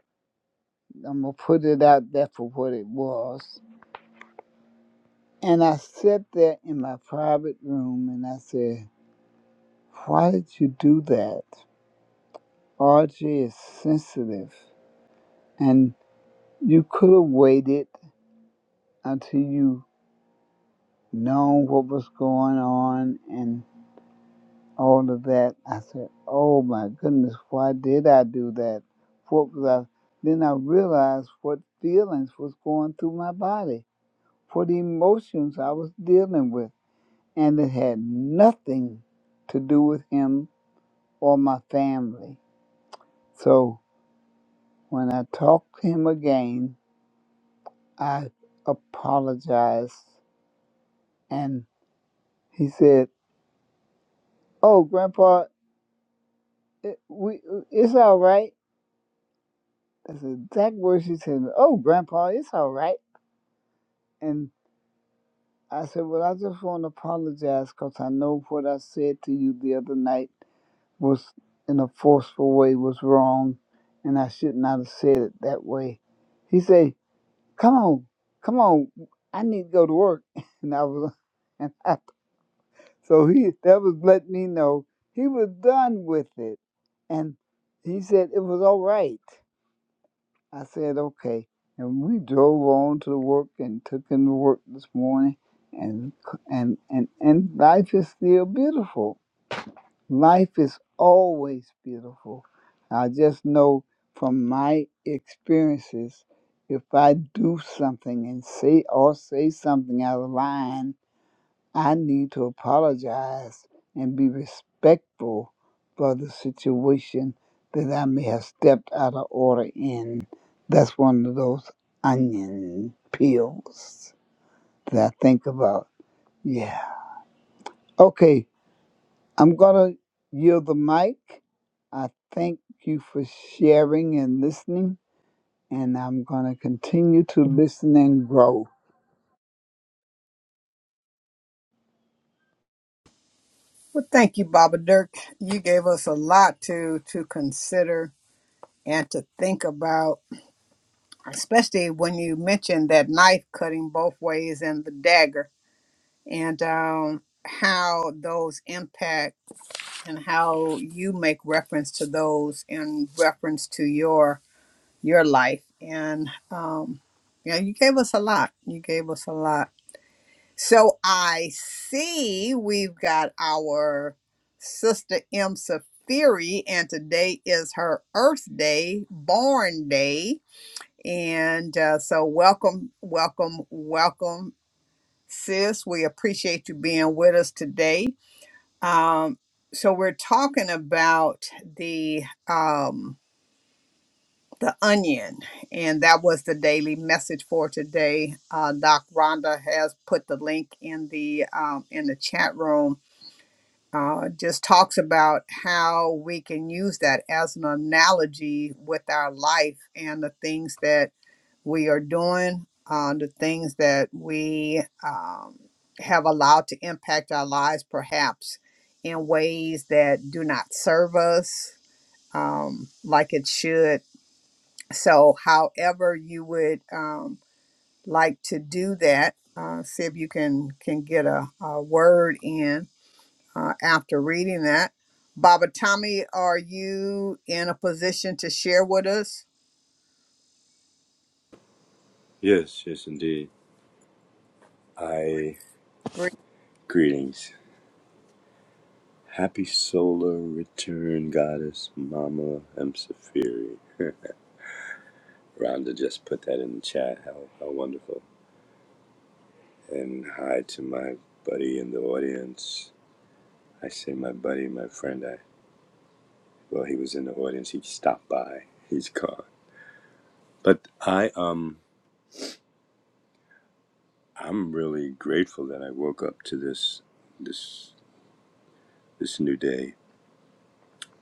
I'm going to put it out there for what it was. And I sat there in my private room and I said, Why did you do that? RJ is sensitive. And You could have waited until you known what was going on and all of that. I said, Oh my goodness, why did I do that? What was I? Then I realized what feelings was going through my body, what emotions I was dealing with, and it had nothing to do with him or my family. So when I talked to him again, I apologized, and he said. Oh, Grandpa, it, we eh, it's all right. That's the exact words she said. Oh, Grandpa, it's all right. And I said, well, I just want to apologize because I know what I said to you the other night was in a forceful way was wrong, and I should not have said it that way. He said, "Come on, come on, I need to go to work," and I was, and I, so he that was letting me know he was done with it, and he said it was all right I said, okay. And we drove on to work and took him to work this morning. And, and, and, and life is still beautiful. Life is always beautiful. I just know from my experiences, if I do something and say or say something out of line, I need to apologize and be respectful for the situation that I may have stepped out of order in. That's one of those onion peels that I think about. Yeah. Okay, I'm going to yield the mic. I thank you for sharing and listening, and I'm going to continue to listen and grow. Well, thank you, Baba Dirk. You gave us a lot to to consider and to think about especially when you mentioned that knife cutting both ways and the dagger and um, how those impact and how you make reference to those in reference to your your life and um, yeah you gave us a lot you gave us a lot so i see we've got our sister m Safiri, and today is her earth day born day and uh, so, welcome, welcome, welcome, sis. We appreciate you being with us today. Um, so, we're talking about the um, the onion, and that was the daily message for today. Uh, Doc Rhonda has put the link in the um, in the chat room. Uh, just talks about how we can use that as an analogy with our life and the things that we are doing, uh, the things that we um, have allowed to impact our lives, perhaps in ways that do not serve us um, like it should. So, however you would um, like to do that, uh, see if you can can get a, a word in uh, after reading that. Baba Tommy, are you in a position to share with us? Yes, yes, indeed. I Great. greetings. Happy solar return, goddess, Mama Emsafiri. Rhonda just put that in the chat. How how wonderful! And hi to my buddy in the audience. I say my buddy, my friend. I well, he was in the audience. He stopped by. He's gone. But I um I'm really grateful that I woke up to this this this new day.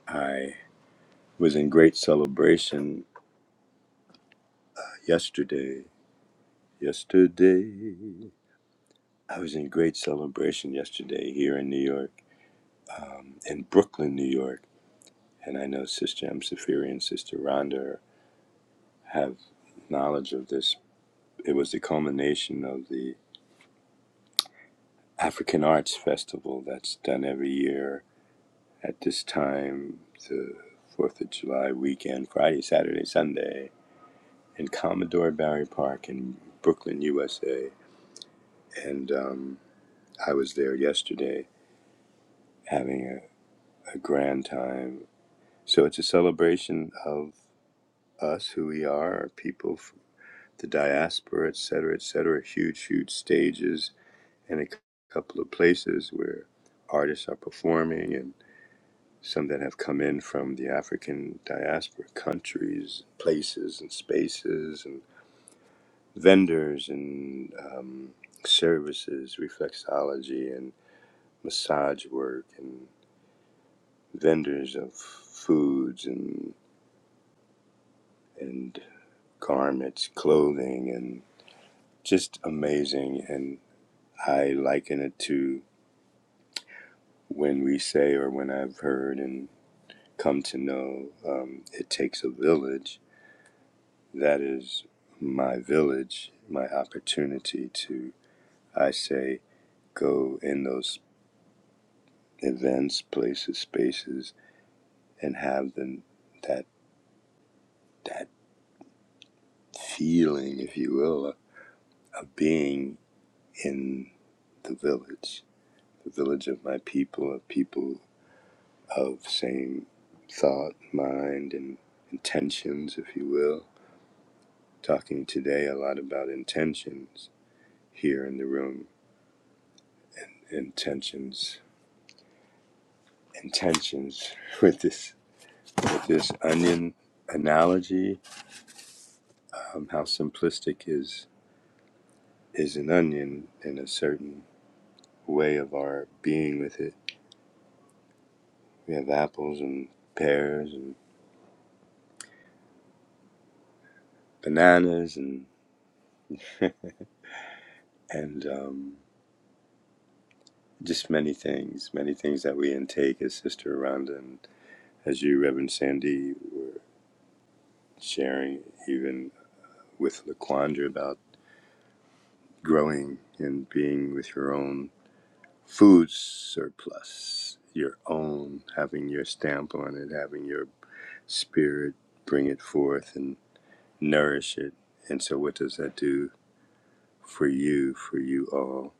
I was in great celebration yesterday Yesterday, I was in great celebration yesterday here in New York, um, in Brooklyn, New York. And I know Sister M. Safiri and Sister Rhonda have knowledge of this. It was the culmination of the African Arts Festival that's done every year at this time, the 4th of July weekend, Friday, Saturday, Sunday, in Commodore Barry Park in Brooklyn, USA. And um, I was there yesterday having a, a grand time So it's a celebration of us, who we are, our people, the diaspora, et cetera, et cetera. Huge, huge stages and a c- couple of places where artists are performing and some that have come in from the African diaspora countries, places and spaces and vendors and um, services, reflexology and massage work and vendors of foods and, and garments, clothing and just amazing. And I liken it to when we say, or when I've heard and come to know, um, it takes a village. That is my village, my opportunity to, I say, go in those events, places, spaces, and have them that that feeling, if you will, of being in the village, the village of my people, of people of same thought, mind, and intentions, if you will. Talking today a lot about intentions here in the room. Intentions, intentions with this with this onion analogy. Um, how simplistic is is an onion in a certain way of our being with it. We have apples and pears and bananas and and um, just many things, many things that we intake, as Sister Rhonda and as you, Reverend Sandy, were sharing, even with Laquandra about growing and being with your own food surplus, your own, having your stamp on it, having your spirit bring it forth and nourish it. And so, what does that do for you, for you all?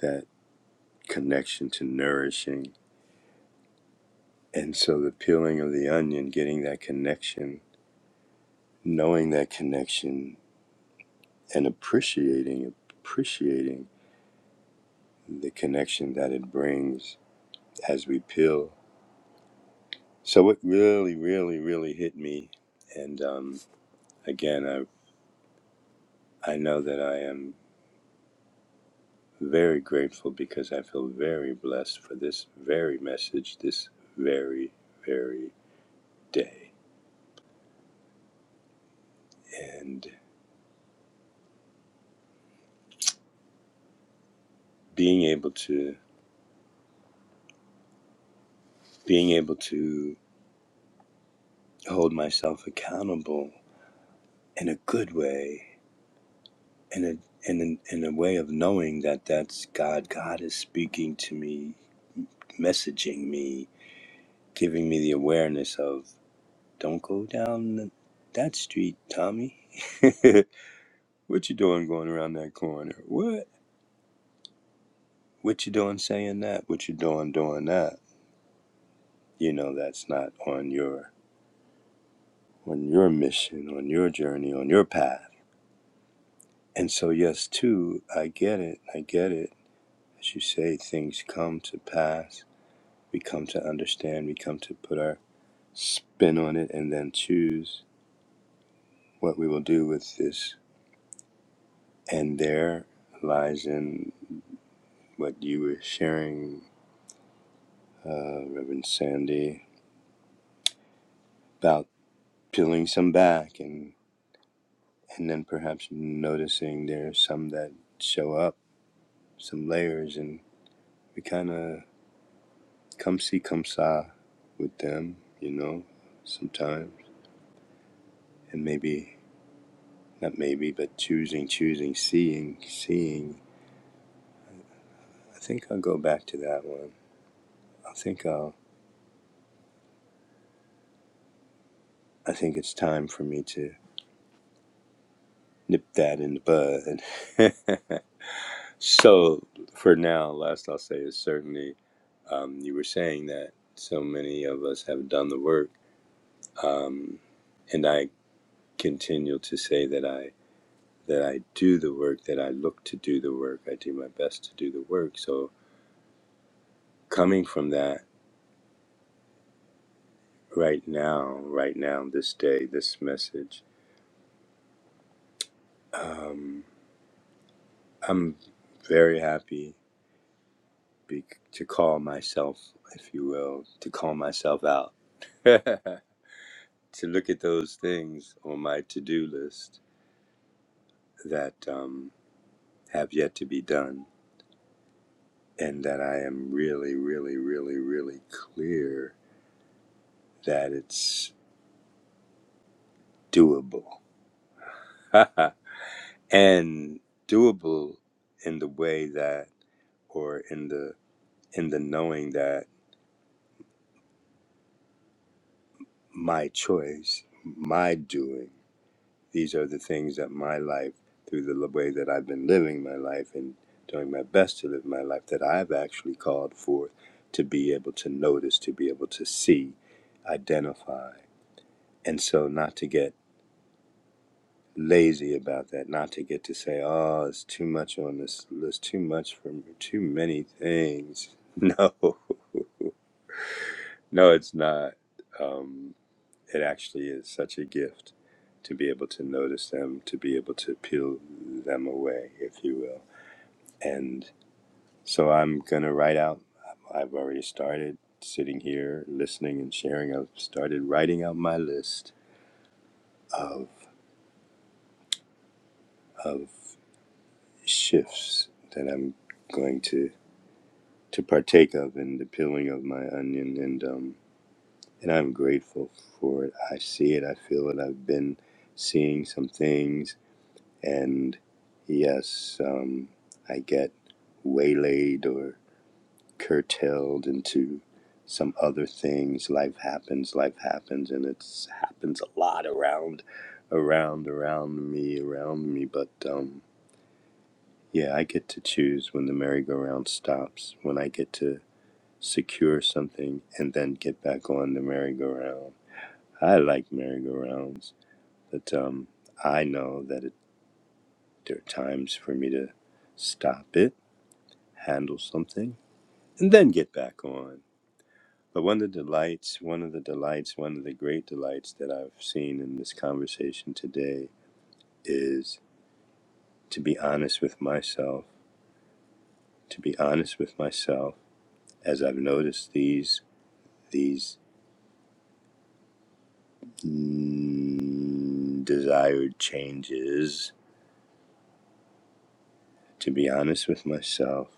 That connection to nourishing. And so, the peeling of the onion, getting that connection, knowing that connection, and appreciating appreciating the connection that it brings as we peel. So it really, really, really hit me. And um, again, I, I know that I am very grateful because I feel very blessed for this very message, this very, very day. And being able to being able to hold myself accountable in a good way, in a in a, in a way of knowing that that's God. God is speaking to me, messaging me, giving me the awareness of don't go down th- that street, Tommy. what you doing going around that corner? What? What you doing saying that? What you doing doing that? You know that's not on your on your mission, on your journey, on your path. And so yes, too, I get it. I get it. As you say, things come to pass. We come to understand. We come to put our spin on it, and then choose what we will do with this. And there lies in what you were sharing, uh, Reverend Sandy, about peeling some back and, and then perhaps noticing there's some that show up, some layers, and we kind of come see, come saw with them, you know, sometimes. And maybe, not maybe, but choosing, choosing, seeing, seeing. I think I'll go back to that one. I think I'll, I think it's time for me to nip that in the bud. So, for now, last I'll say is certainly um, you were saying that so many of us have done the work, um, and I continue to say that I that I do the work, that I look to do the work, I do my best to do the work. So, coming from that right now, right now, this day, this message, um, I'm very happy be- to call myself, if you will, to call myself out. to look at those things on my to do list that um, have yet to be done, and that I am really, really, really, really clear that it's doable. and doable in the way that, or in the in the knowing that my choice, my doing. These are the things that my life, through the way that I've been living my life and doing my best to live my life, that I've actually called forth to be able to notice, to be able to see, identify. And so, not to get lazy about that, not to get to say, oh, it's too much on this list, too much for me, too many things. No, no, it's not. Um, it actually is such a gift to be able to notice them, to be able to peel them away, if you will. And so I'm going to write out, I've already started sitting here listening and sharing. I've started writing out my list of, of shifts that I'm going to, to partake of in the peeling of my onion. And, um, and I'm grateful for it. I see it, I feel it. I've been seeing some things. And yes, um, I get waylaid or curtailed into some other things. Life happens, life happens, and it's happens a lot around, around, around me, around me. But um, yeah, I get to choose when the merry-go-round stops. When I get to secure something and then get back on the merry-go-round. I like merry-go-rounds, but um, I know that it, there are times for me to stop it, handle something, and then get back on. But one of the delights, one of the delights, one of the great delights that I've seen in this conversation today is to be honest with myself, to be honest with myself as I've noticed these these mm, desired changes, to be honest with myself,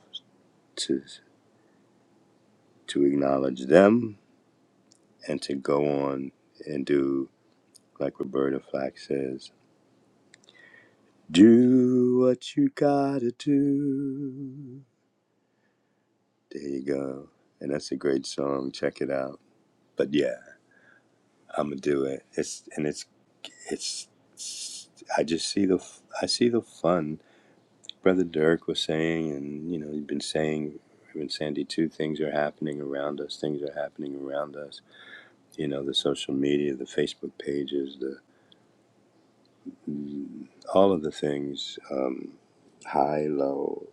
to to acknowledge them and to go on and do like Roberta Flack says, do what you gotta do There you go. And that's a great song. Check it out. But yeah, I'm gonna do it. It's and it's it's. it's I just see the I see the fun. Brother Dirk was saying, and you know, he's been saying, and Sandy too. Things are happening around us. Things are happening around us. You know, the social media, the Facebook pages, the all of the things. Um, high, low.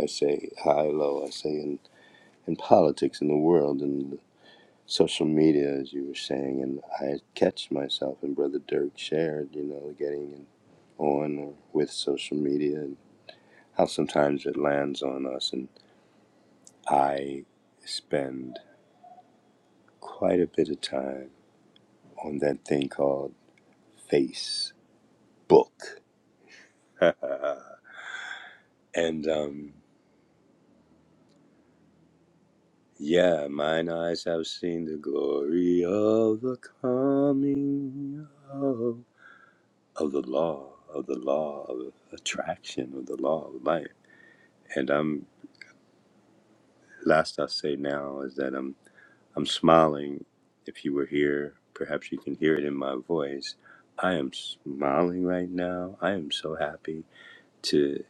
I say high, low. I say in in politics, in the world, and. social media, as you were saying, and I catch myself and Brother Dirk shared, you know, getting on or with social media and how sometimes it lands on us. And I spend quite a bit of time on that thing called Facebook. and um, yeah, mine eyes have seen the glory of the coming of, of the law, of the law of attraction, of the law of life And I'm last I say now is that I'm I'm smiling. If you were here, perhaps you can hear it in my voice. I am smiling right now. I am so happy to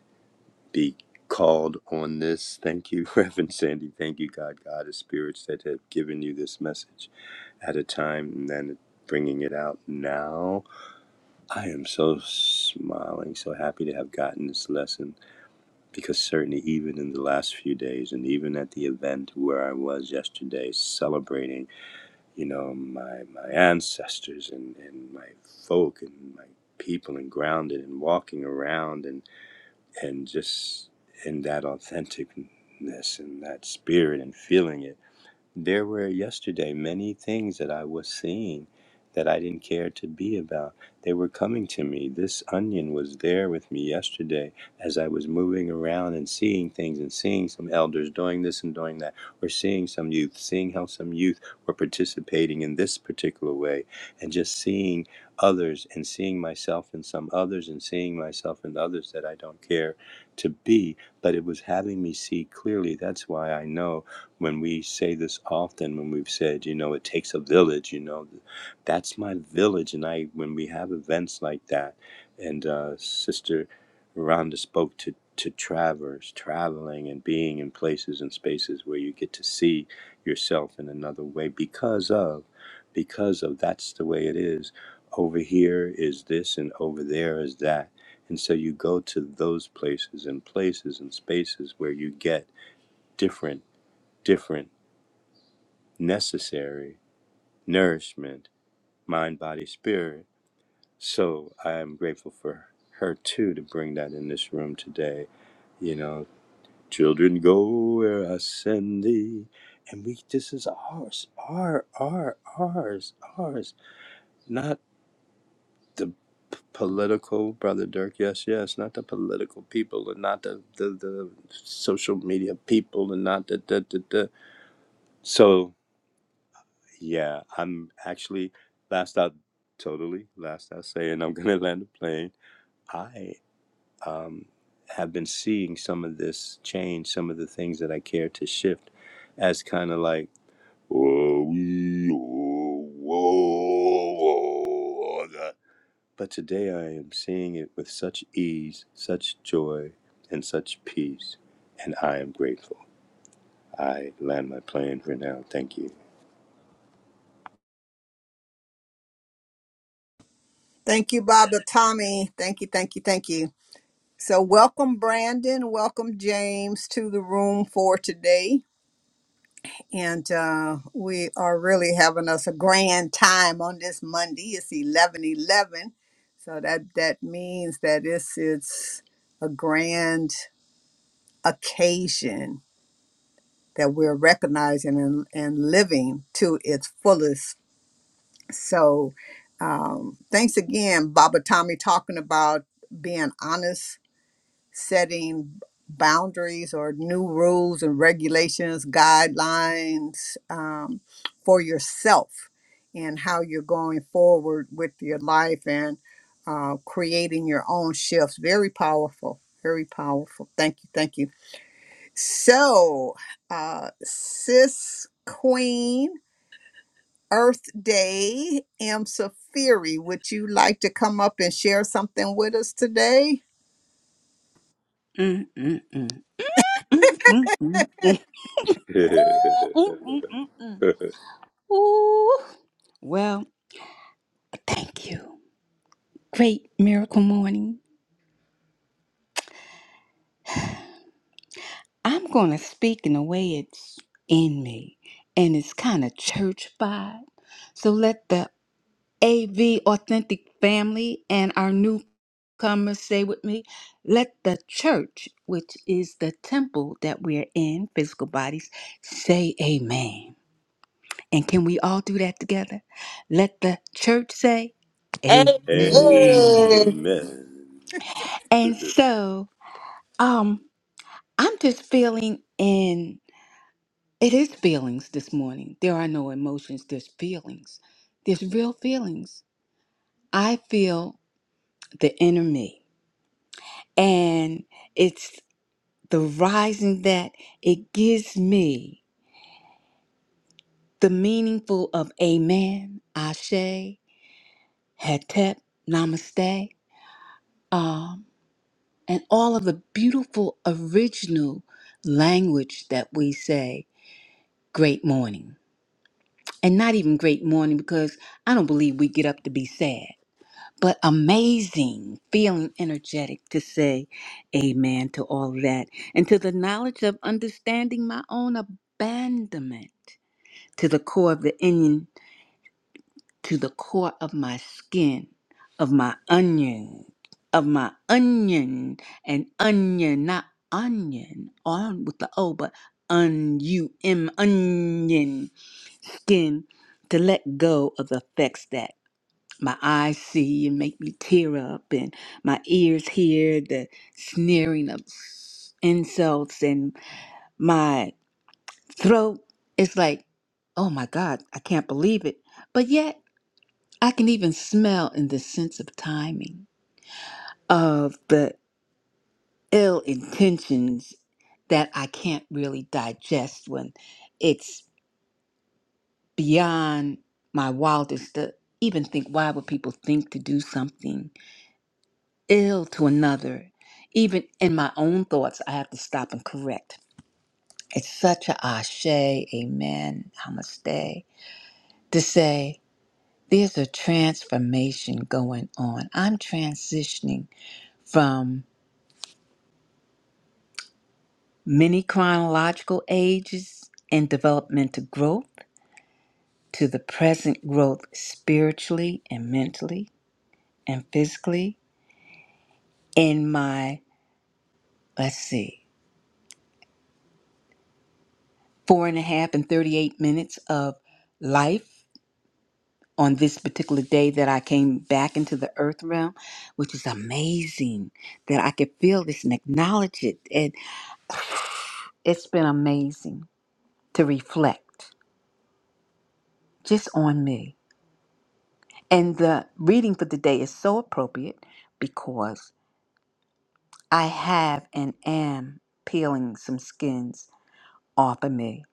be called on this. Thank you, Reverend Sandy. Thank you, God, God, the spirits that have given you this message at a time and then bringing it out now. I am so smiling, so happy to have gotten this lesson Because certainly, even in the last few days, and even at the event where I was yesterday, celebrating, you know, my my ancestors and and my folk and my people and grounded and walking around and and just in that authenticness and that spirit and feeling it there were yesterday many things that I was seeing that I didn't care to be about. They were coming to me. This onion was there with me yesterday as I was moving around and seeing things and seeing some elders doing this and doing that, or seeing some youth, seeing how some youth were participating in this particular way, and just seeing others and seeing myself in some others and seeing myself in others that I don't care to be. But it was having me see clearly. That's why I know when we say this often when we've said you know it takes a village you know that's my village and i when we have events like that and uh, sister rhonda spoke to to traverse traveling and being in places and spaces where you get to see yourself in another way because of because of that's the way it is over here is this and over there is that and so you go to those places and places and spaces where you get different different necessary nourishment, mind, body, spirit. So I am grateful for her too to bring that in this room today. You know, children go where I send thee. And we this is ours, our, our, ours, ours. Not the p- political brother Dirk, yes, yes, not the political people and not the the, the social media people and not the the the, the. So Yeah, I'm actually last out totally last out saying I'm gonna land the plane. I um, have been seeing some of this change, some of the things that I care to shift as kind of like whoa, wee, whoa, whoa, whoa. But today I am seeing it with such ease, such joy, and such peace, and I am grateful. I land my plane for now. Thank you. Thank you, Baba Tommy. Thank you, thank you, thank you. So, welcome, Brandon. Welcome, James, to the room for today. And uh, we are really having us a grand time on this Monday. It's eleven eleven, So, that, that means that it's, it's a grand occasion that we're recognizing and, and living to its fullest. So, um, thanks again, Baba Tommy, talking about being honest setting boundaries or new rules and regulations, guidelines um, for yourself and how you're going forward with your life and uh, creating your own shifts. Very powerful. Very powerful. Thank you. Thank you. So, uh, Sis Queen, Earth Day, M. Safiri, would you like to come up and share something with us today? Mm, mm, mm. Mm, mm, mm, mm. Ooh Mm, mm, mm, mm. Ooh. Well, thank you. Great miracle morning. I'm going to speak in the way it's in me, and it's kind of church vibe. So let the AV Authentic family and our newcomers say with me let the church, which is the temple that we're in, physical bodies, say amen. And can we all do that together? Let the church say, Hey, Amen. Amen. And so, um, I'm just feeling in it is feelings this morning. There are no emotions, there's feelings. There's real feelings. I feel the inner me. And it's the rising that it gives me the meaningful of Amen, Ashe, Hetep, Namaste. "Um." and all of the beautiful original language that we say, great morning. And not even great morning because I don't believe we get up to be sad, but amazing, feeling energetic to say amen to all of that and to the knowledge of understanding my own abandonment to the core of the Indian to the core of my skin, of my onion, of my onion, and onion, not onion, on with the O, but un u m onion skin, to let go of the effects that my eyes see and make me tear up, and my ears hear the sneering of s- insults, and my throat is like, oh my God, I can't believe it. But yet. I can even smell in the sense of timing of the ill intentions that I can't really digest when it's beyond my wildest to even think why would people think to do something ill to another. Even in my own thoughts, I have to stop and correct. It's such a ashe, amen, namaste, to say there's a transformation going on. I'm transitioning from many chronological ages and developmental growth to the present growth spiritually and mentally and physically in my, let's see, four and a half and 38 minutes of life on this particular day that I came back into the earth realm, which is amazing that I could feel this and acknowledge it. And it's been amazing to reflect just on me And the reading for today is so appropriate because I have and am peeling some skins off of me.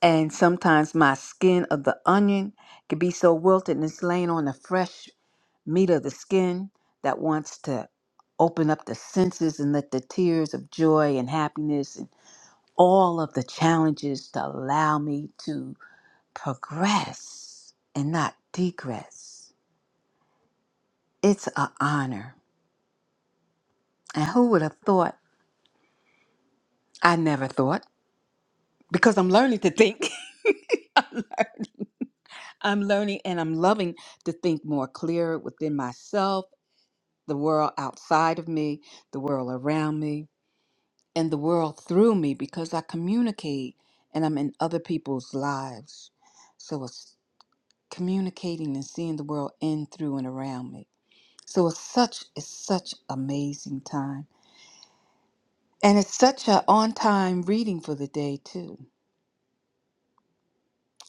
And sometimes my skin of the onion can be so wilted and it's laying on the fresh meat of the skin that wants to open up the senses and let the tears of joy and happiness and all of the challenges to allow me to progress and not degress. It's an honor And who would have thought? I never thought because I'm learning to think. I'm learn- I'm learning and I'm loving to think more clear within myself, the world outside of me, the world around me, and the world through me because I communicate and I'm in other people's lives. So it's communicating and seeing the world in, through, and around me. So it's such it's such amazing time. And it's such a on time reading for the day too.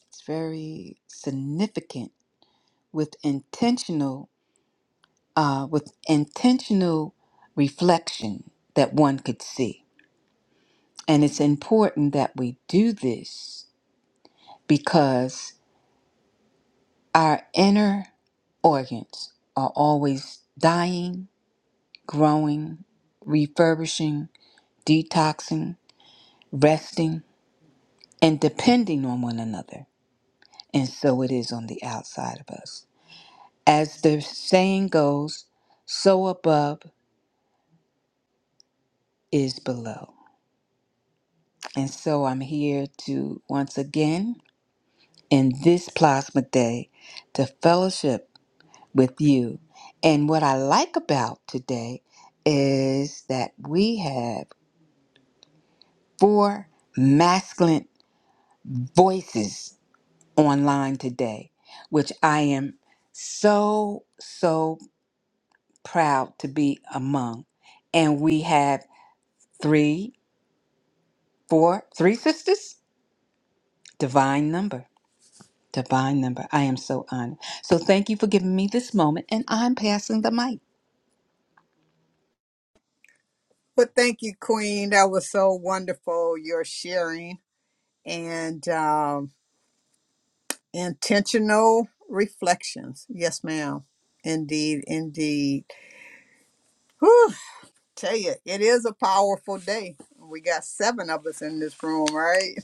It's very significant with intentional uh, with intentional reflection that one could see. And it's important that we do this because our inner organs are always dying, growing, refurbishing, detoxing, resting, and depending on one another. And so it is on the outside of us. As the saying goes, so above, is below. And so I'm here to once again in this plasma day to fellowship with you. And what I like about today is that we have four masculine voices online today, which I am so, so proud to be among. And we have three, four, three sisters, divine number. Divine number. I am so honored. So thank you for giving me this moment, and I'm passing the mic. Well, thank you, Queen. That was so wonderful, your sharing and um, intentional reflections. Yes, ma'am. Indeed, indeed. Whew, tell you, it is a powerful day. We got seven of us in this room, right?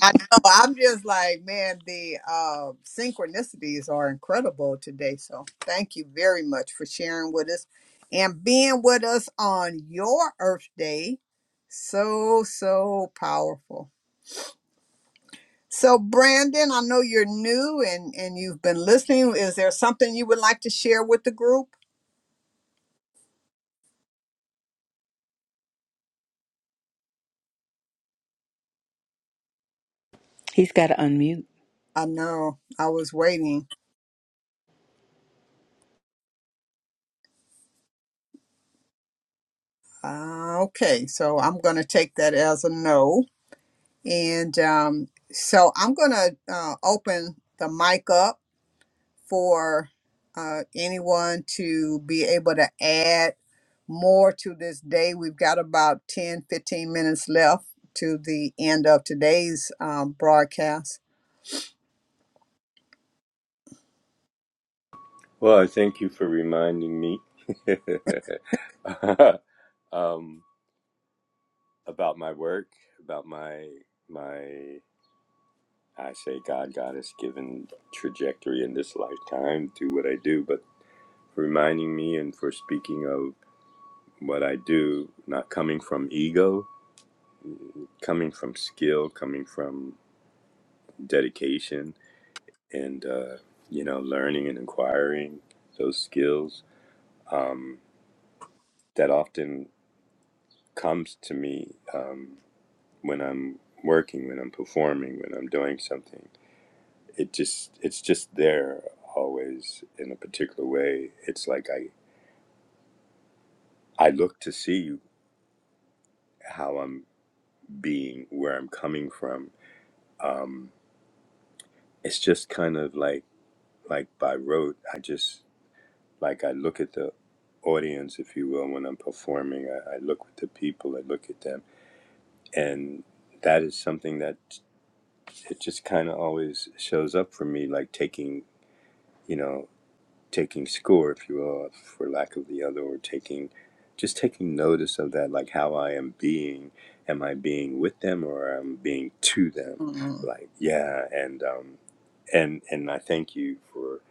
I know. I'm just like, man, the uh, synchronicities are incredible today. So thank you very much for sharing with us and being with us on your Earth Day. So, so powerful. So, Brandon, I know you're new and, and you've been listening. Is there something you would like to share with the group? He's got to unmute. I know. I was waiting. Uh, okay. So I'm going to take that as a no. And um, so I'm going to uh, open the mic up for uh, anyone to be able to add more to this day. We've got about 10, 15 minutes left to the end of today's um, broadcast. Well, I thank you for reminding me um, about my work, about my my I say God God has given trajectory in this lifetime to what I do, but for reminding me and for speaking of what I do, not coming from ego, coming from skill, coming from dedication, and uh, you know, learning and acquiring those skills um, that often comes to me um, when I'm working, when I'm performing, when I'm doing something. It just it's just there always in a particular way. It's like I I look to see how I'm being, where I'm coming from. Um, it's just kind of like like by rote. I just like I look at the audience, if you will, when I'm performing. I, I look at the people. I look at them, and that is something that it just kind of always shows up for me, like taking you know, taking score, if you will, for lack of the other, or taking just taking notice of that, like how I am being. Am I being with them or am I being to them? Mm. Like, yeah, and um, and and I thank you for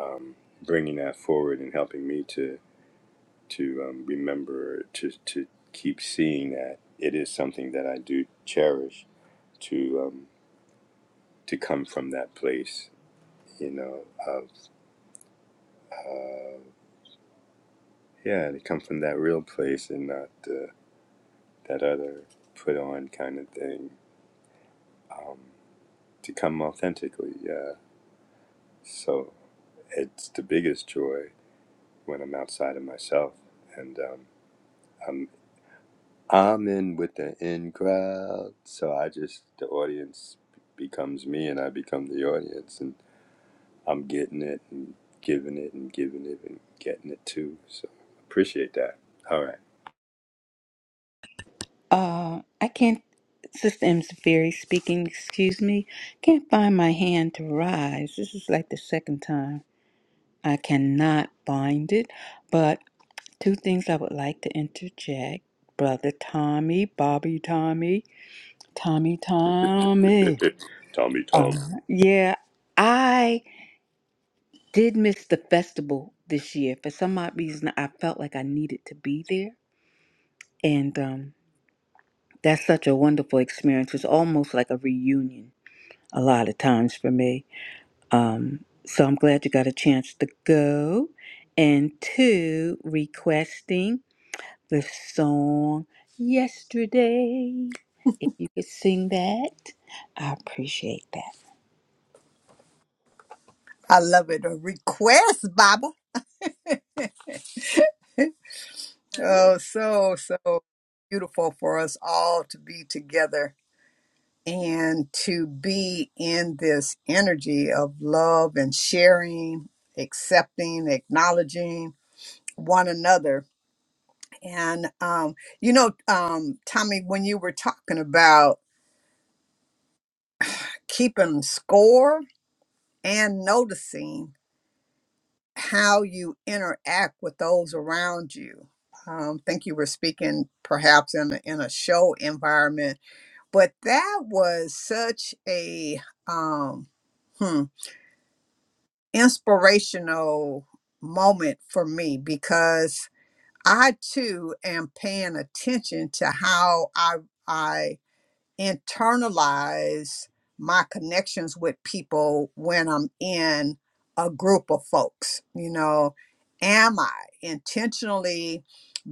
um, bringing that forward and helping me to to um, remember to to keep seeing that it is something that I do cherish to um, to come from that place, you know, of. uh, Yeah, to come from that real place and not uh, that other put on kind of thing. Um, to come authentically, yeah. So it's the biggest joy when I'm outside of myself and um, I'm I'm in with the in crowd. So I just the audience becomes me and I become the audience and I'm getting it and giving it and giving it and getting it too. So appreciate that. All Uh, I can't. Sister M. Safiri speaking. Excuse me. Can't find my hand to rise. This is like the second time. I cannot find it. But two things I would like to interject. Brother Tommy, Bobby Tommy, Tommy Tommy. right, Tommy Um, Tom. yeah, I Did miss the festival this year. For some odd reason, I felt like I needed to be there. And um, that's such a wonderful experience. It's almost like a reunion a lot of times for me. Um, so I'm glad you got a chance to go. And two, requesting the song Yesterday. If you could sing that, I appreciate that. I love it. A request, Baba. Oh, so, so beautiful for us all to be together and to be in this energy of love and sharing, accepting, acknowledging one another. And, um, you know, um, Tommy, when you were talking about keeping score and noticing how you interact with those around you. Um, think you were speaking perhaps in a, in a show environment, but that was such a um, hmm, inspirational moment for me because I too am paying attention to how I I internalize my connections with people when I'm in a group of folks. You know, am I intentionally?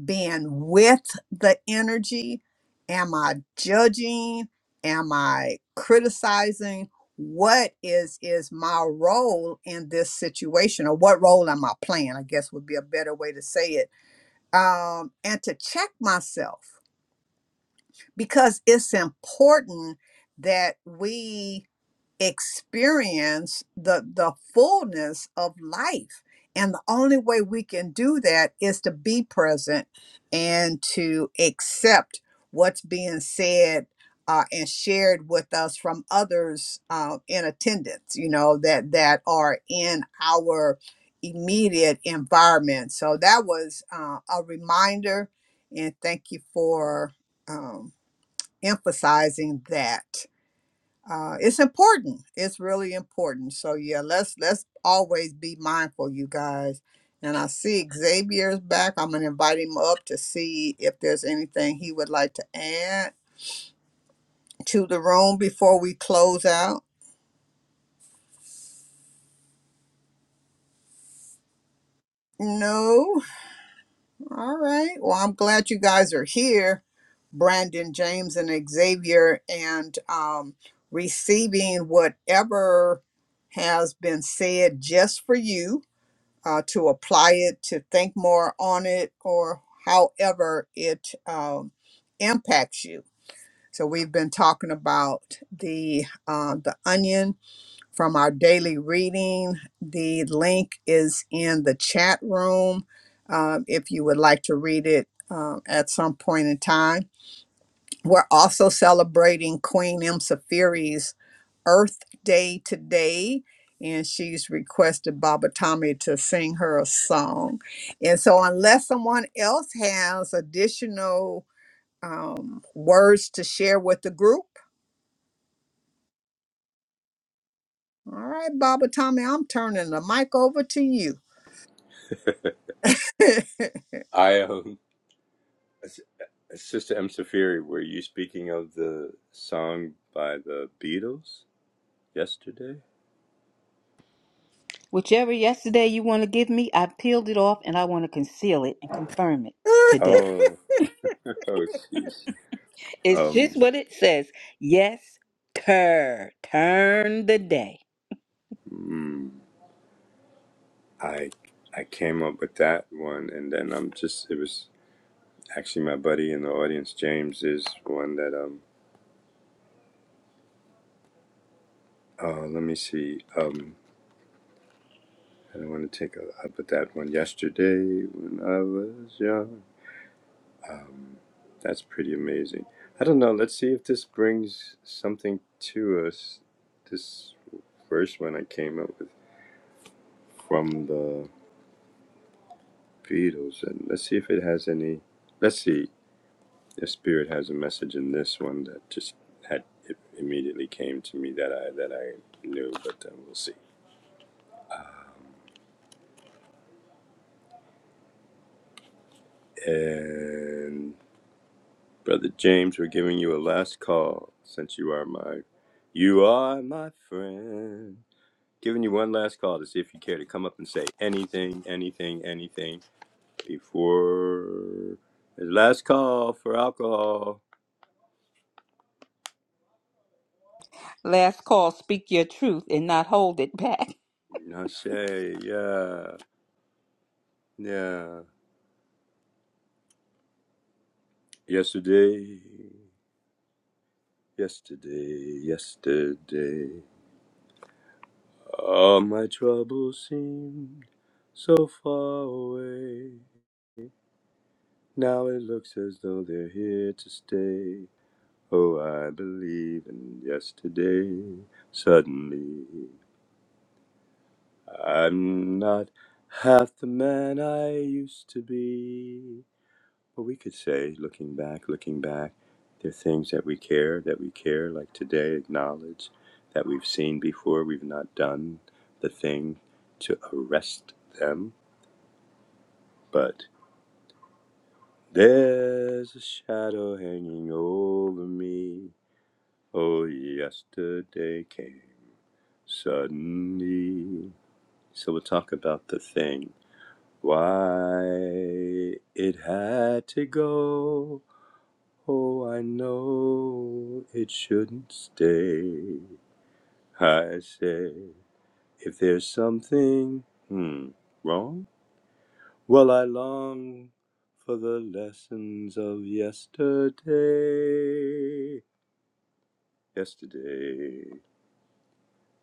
being with the energy? Am I judging? Am I criticizing? What is is my role in this situation, or what role am I playing? I guess would be a better way to say it. Um, and to check myself because it's important that we experience the the fullness of life and the only way we can do that is to be present and to accept what's being said uh, and shared with us from others uh, in attendance you know that that are in our immediate environment so that was uh, a reminder and thank you for um, emphasizing that uh, it's important. It's really important. So yeah, let's let's always be mindful, you guys. And I see Xavier's back. I'm gonna invite him up to see if there's anything he would like to add to the room before we close out. No. All right. Well, I'm glad you guys are here, Brandon, James, and Xavier, and um, receiving whatever has been said just for you uh, to apply it, to think more on it, or however it um, impacts you. So we've been talking about the uh, the onion from our daily reading. The link is in the chat room um, if you would like to read it um, at some point in time. We're also celebrating Queen M. Earth Day today, and she's requested Baba Tommy to sing her a song. And so, unless someone else has additional um, words to share with the group, all right, Baba Tommy, I'm turning the mic over to you. I am. Sister M. Safiri, were you speaking of the song by the Beatles yesterday? Whichever yesterday you want to give me, I peeled it off and I want to conceal it and confirm it today. Oh, oh, jeez. It's just Um, what it says. Yes, turn. Turn the day. mm, I I came up with that one, and then I'm just it was actually my buddy in the audience, James, is one that um. Oh, let me see. Um, I don't want to take a. I put that one yesterday when I was young. Um, that's pretty amazing. I don't know. Let's see if this brings something to us. This first one I came up with from the Beatles, and let's see if it has any. Let's see if Spirit has a message in this one that just had it immediately came to me that I that I knew, but uh, we'll see. And Brother James, we're giving you a last call since you are my, you are my friend. Giving you one last call to see if you care to come up and say anything, anything, anything before the last call for alcohol. Last call, speak your truth and not hold it back. I say yeah, yeah. Yesterday, yesterday, yesterday. All my troubles seemed so far away. Now it looks as though they're here to stay. Oh, I believe in yesterday. Suddenly. I'm not half the man I used to be. But we could say, looking back, looking back, there are things that we care, that we care, like today, acknowledge that we've seen before, we've not done the thing to arrest them. But there's a shadow hanging over me. Oh, yesterday came suddenly. So we'll talk about the thing Why it had to go. Oh, I know it shouldn't stay. I say, if there's something hmm, wrong, well, I long for the lessons of yesterday. Yesterday,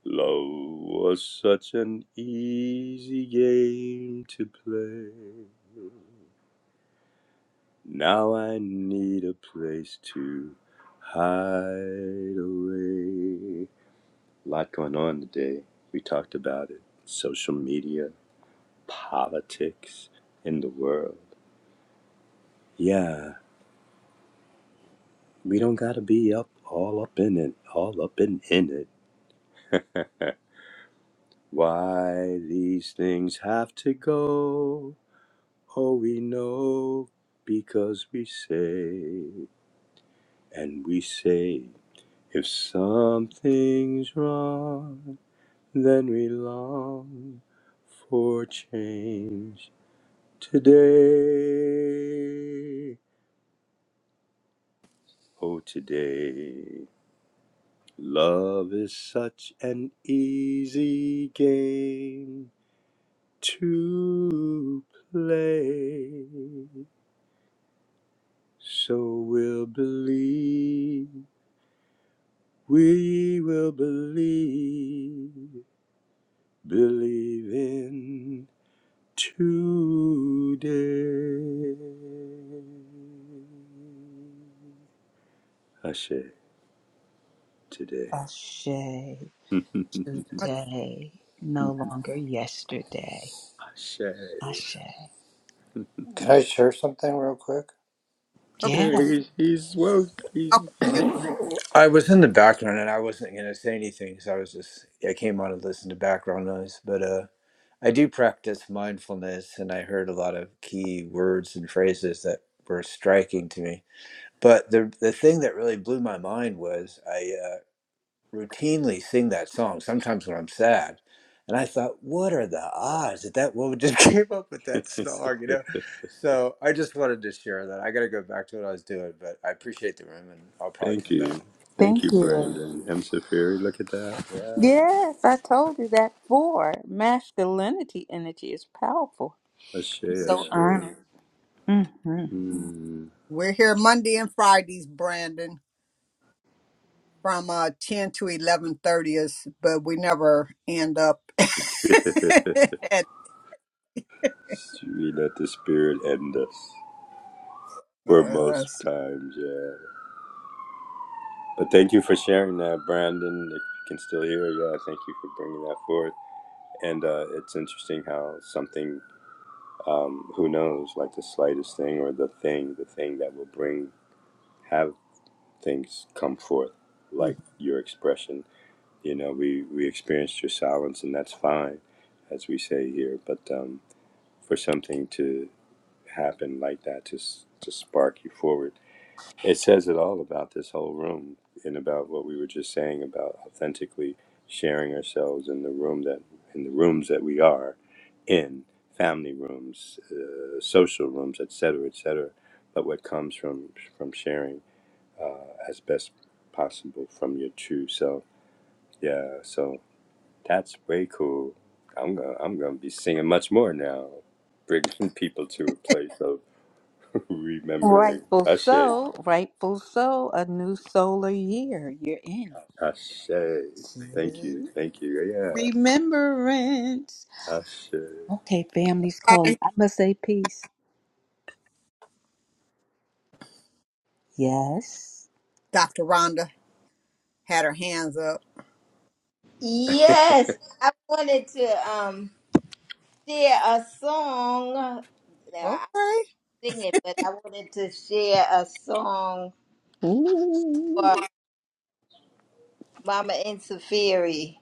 love was such an easy game to play. Now I need a place to hide away. A lot going on today. We talked about it. Social media, politics, in the world. Yeah, we don't gotta be up all up in it, all up and in it. Why these things have to go? Oh, we know because we say, and we say. If something's wrong, then we long for change today. Oh, today. Love is such an easy game to play. So we'll believe, we will believe, believe in. today. Ashe today. Ashe today, no longer yesterday. Ashe. Ashe. Can I share something real quick? Yeah. There he's, he's woke. He's. I was in the background and I wasn't gonna say anything because I was just I came on to listen to background noise, but uh, I do practice mindfulness and I heard a lot of key words and phrases that were striking to me. But the the thing that really blew my mind was I. uh, routinely sing that song sometimes when I'm sad. And I thought, what are the odds that that woman just came up with that song, you know? So I just wanted to share that. I got to go back to what I was doing, but I appreciate the room and I'll probably Thank come back. you. Thank Thank you, you. Brandon. M. Safiri, look at that. Yeah. Yes, I told you that four masculinity energy is powerful. Ashe, I'm So Yeah. Ashe. honored. hmm Hmm. We're here Monday and Fridays, Brandon, from uh, 10 to 11:30 is, but we never end up at We let the spirit end us for most yes. times, yeah. But thank you for sharing that, Brandon. If you can still hear, yeah, thank you for bringing that forth. And uh, it's interesting how something, um, who knows, like the slightest thing or the thing, the thing that will bring, have things come forth, like your expression. You know, we, we experienced your silence, and that's fine, as we say here. But um, for something to happen like that, to, s- to spark you forward, it says it all about this whole room and about what we were just saying about authentically sharing ourselves in the room that in the rooms that we are in family rooms, uh, social rooms, etc., cetera, etc. Cetera, but what comes from from sharing as best possible from your true self. Yeah, so that's way cool. I'm gonna I'm gonna be singing much more now, bringing people to a place of remembering. Rightful Ashe. so, rightful so, a new solar year you're in. Ashe. Thank you. See? Thank you. Yeah. Remembrance. Ashe. Okay, family's calling. Right, I must say peace. Yes. Dr. Rhonda. had her hands up. yes, I wanted to um share a song. Now I Okay. sing it, but I wanted to share a song Ooh. for Mama and Safiri.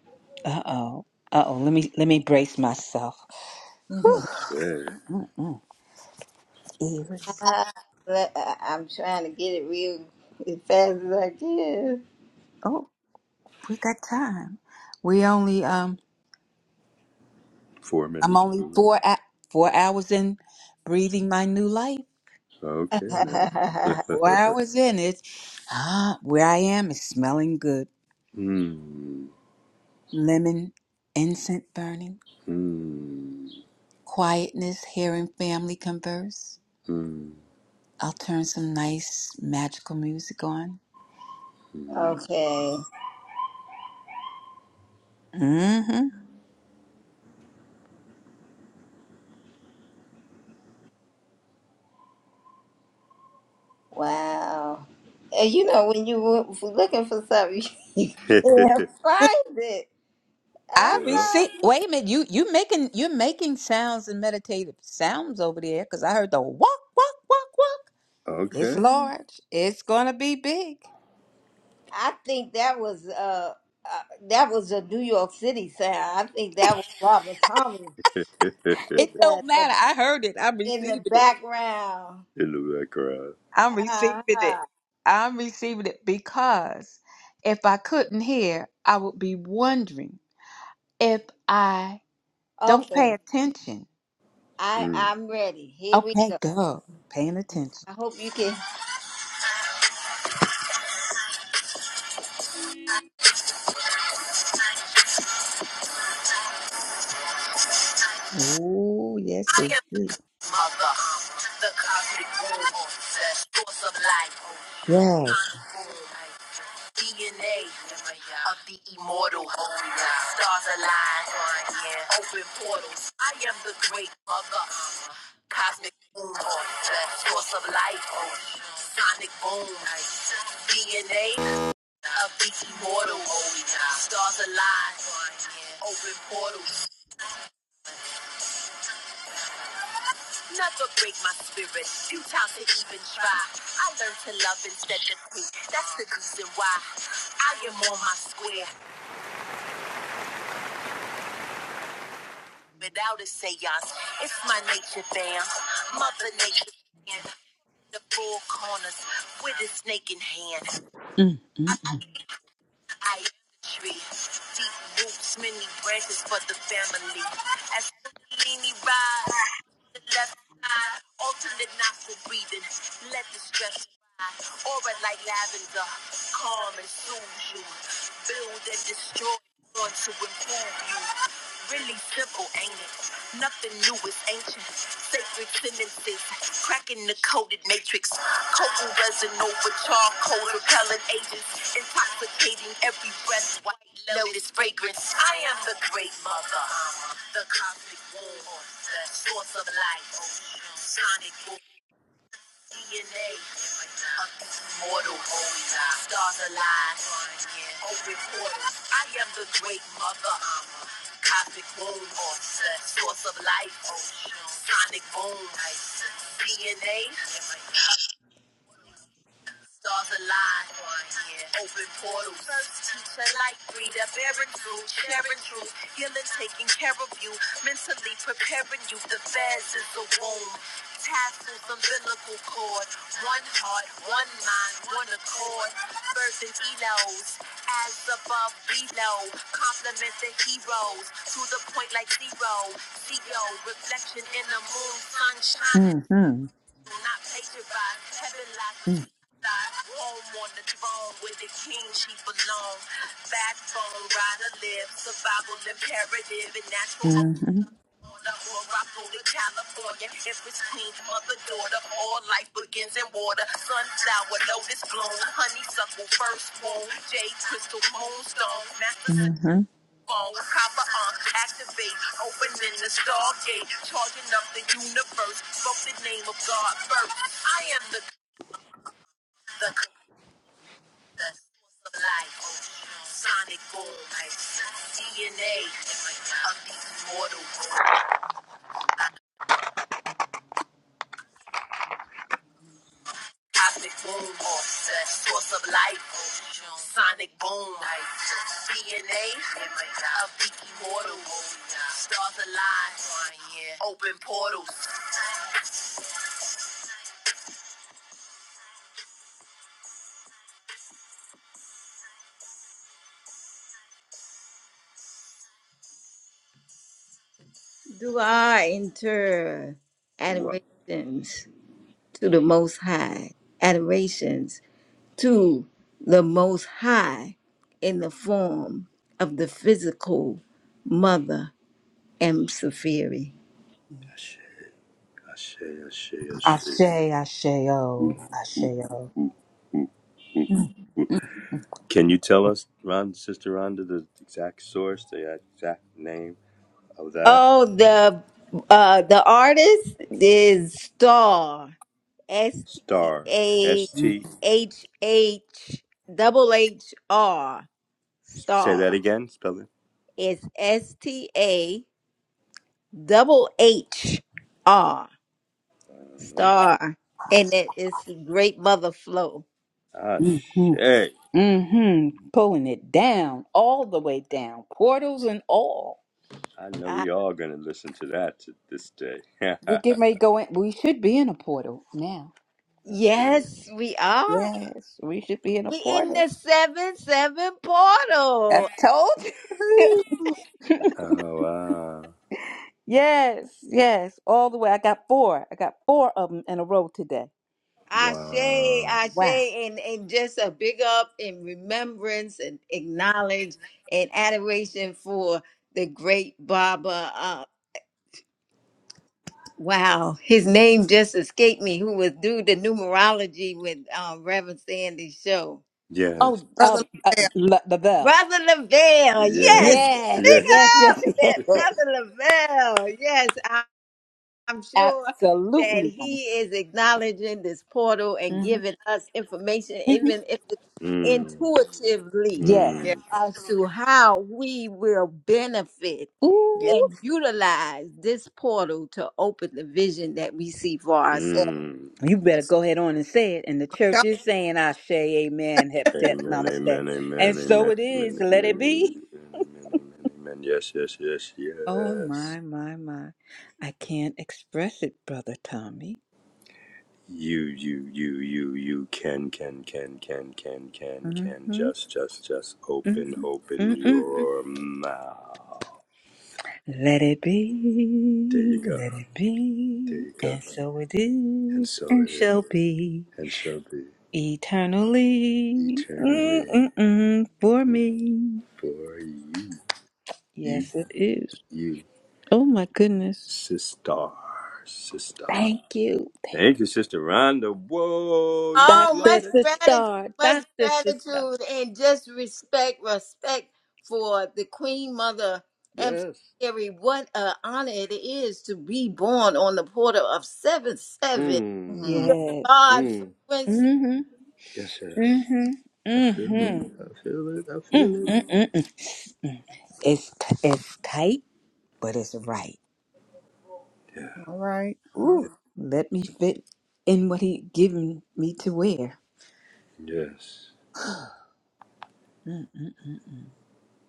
Uh-oh. Uh-oh. Let me let me brace myself. Whew. Mhm. Ashe. Mm-mm. Ears. Le- I- I'm trying to get it real as fast as Oh, we got time. We only um Four I'm minutes only over. four a- four hours in breathing my new life. Okay now. I can. Four hours in it. Ah, where I am is smelling good. Hmm. Lemon, incense burning, Hmm. quietness, hearing family converse. Hmm. I'll turn some nice magical music on. hmm. okay. Mm-hmm. Wow. And you know, when you were looking for something, you can't find it. Ah, I well, receive. Wait a minute. You you making you're making sounds and meditative sounds over there because I heard the walk walk walk walk. It's okay. large. It's gonna be big. I think that was uh, uh that was a New York City sound. I think that was Robert Thomas with It the, don't the matter. I heard it. I'm in receiving the it. background. In the background. I'm receiving it. Uh-huh. I'm receiving it because if I couldn't hear, I would be wondering if I don't pay Okay, attention. I Hmm. I'm ready. Here we Okay, go. go. Paying attention. I hope you can. Oh, yes, I it am is. mother, the cosmic womb, source of Yes. life, DNA of the immortal. Stars align. Yeah. Open portals. I am the great mother. Cosmic boom. Source of life. Sonic boom. DNA of the immortal. Stars align. Open portals. Never break my spirit. Futile to even try. I learned to love instead of hate. That's the reason why I am on my square. without a seance. It's my nature, fam. Mother nature, fam. In the four corners with a snake in hand. Mm, mm, I, I am the tree. Deep roots, many branches for the family. As Kundalini rise the left side, alternate nostril breathing. Let the stress ride. Aura like lavender, calm and soothes you. Build and destroy, born to improve you. Really simple, ain't it? Nothing new is ancient. Sacred sentences, cracking the coded matrix. Cocoa resin over charcoal, repellent agents, intoxicating every breath. White lotus fragrance. I am the great mother, the cosmic womb the source of life, sonic boom, DNA of these immortal oh, yeah. stars alive, open portals. I am the great mother, cosmic womb, the source of life, sonic boom, DNA. Stars align. Yeah. Open portals. First teacher, light breather, bearing fruit, sharing truth, healing, taking care of you, mentally preparing you. The vast is the womb. Tassels, umbilical cord, one heart, one mind, one accord. Birth and elos, as above, below. Compliment the heroes to the point like zero. Zero, reflection in the moon, sun shining mm-hmm. not pacified. Heaven lies Mm, between sides. Home on the throne where the king she belong. Backbone, rider live, survival imperative, and natural order. mm-hmm. Morocco to California, Empress Queen, mother, daughter. All life begins in water. Sunflower, lotus bloom, honeysuckle, firstborn, jade crystal, moonstone, master Mm-hmm. phone, copper arms, activate, opening the stargate, charging up the universe, spoke the name of God first. I am the the, the source of life, sonic boom, DNA of the immortal, cosmic boom, the source of life, sonic boom, DNA of the immortal, stars alive, open portals, do I enter What? adorations to the Most High, adorations to the Most High in the form of the physical mother M. Safiri? Ashe. Ashe. Ashe. Ashe. Ashe, ashe, oh, ashe, oh. Mm, mm, Can you tell us, Ron, Sister Rhonda, the exact source, the exact name of that Oh, the uh the artist is Star S T star? A S mm, T. H H double H R Say Star. that again. Spell it. It's S T A double H R. star, and it is great mother flow. Ah, mm, shay. Mm-hmm. Pulling it down, all the way down, portals and all. I know Ah, we all gonna listen to that to this day. We Ah get ready to go in. We should be in a portal now. Ashe. yes, we are. Yes, we should be in a We in portal. the seven seven I portal. told Woo-hoo. you. Oh wow, yes, yes, all the way. I got four. I got four of them in a row today. Ashe, wow. Ashe, Wow. and, and just a big up in remembrance and acknowledge and adoration for the great Baba. Uh, wow, his name just escaped me. Who was due the numerology with uh, Reverend Sandy's show? Yes, Oh, Brother um, uh, Lavelle. La- Lavelle. Brother Lavelle, yeah, yes, speak Yes, yes. yes, up, yes, yes. Brother Lavelle. Yes, I- I'm sure that Absolutely, honey. he is acknowledging this portal and hmm giving us information, even if it's mm, intuitively, Yes. Yeah, mm, as to how we will benefit yeah, Ooh. and utilize this portal to open the vision that we see for ourselves. mm. You better yes. go ahead on and say it. And the church Yep. is saying, Ashe, amen, Amen, heptet, amen, namaste. amen, amen, And amen, so amen, it is. amen, Let it amen, be. amen, amen. amen. Yes, yes, yes, Oh, yes. my, my, my. I can't express it, Brother Tommy. You, you, you, you, you can, can, can, can, can, can, can. Mm-hmm, Just, just, just open, open mm-mm. your mouth. Let it There you be. go. Let it There be. you go. And so it And is so and it is, shall be and shall be eternally eternally Mm-mm-mm. for me. for you, you, Yes, it is. you, Oh, my goodness. sister, sister. Thank you. Thank you, Sister Rhonda. Whoa, you be Oh, Dr. blowing much it? gratitude, Sister, much Dr. Sister. gratitude, and just respect, respect for the Queen Mother Emissary. Yes. What an honor it is to be born on the portal of seven seven Mmm. Mhm. Yes. God Mmm. frequency, Mhm. Yes, hmm yes. mm I feel it. Mm-hmm. I feel it. I Mm-hmm. feel it. Mm-mm-mm. It's t- it's tight, but it's right. Yeah. All right. All right. Ooh, let me fit in what he given me to wear. Yes. Mm.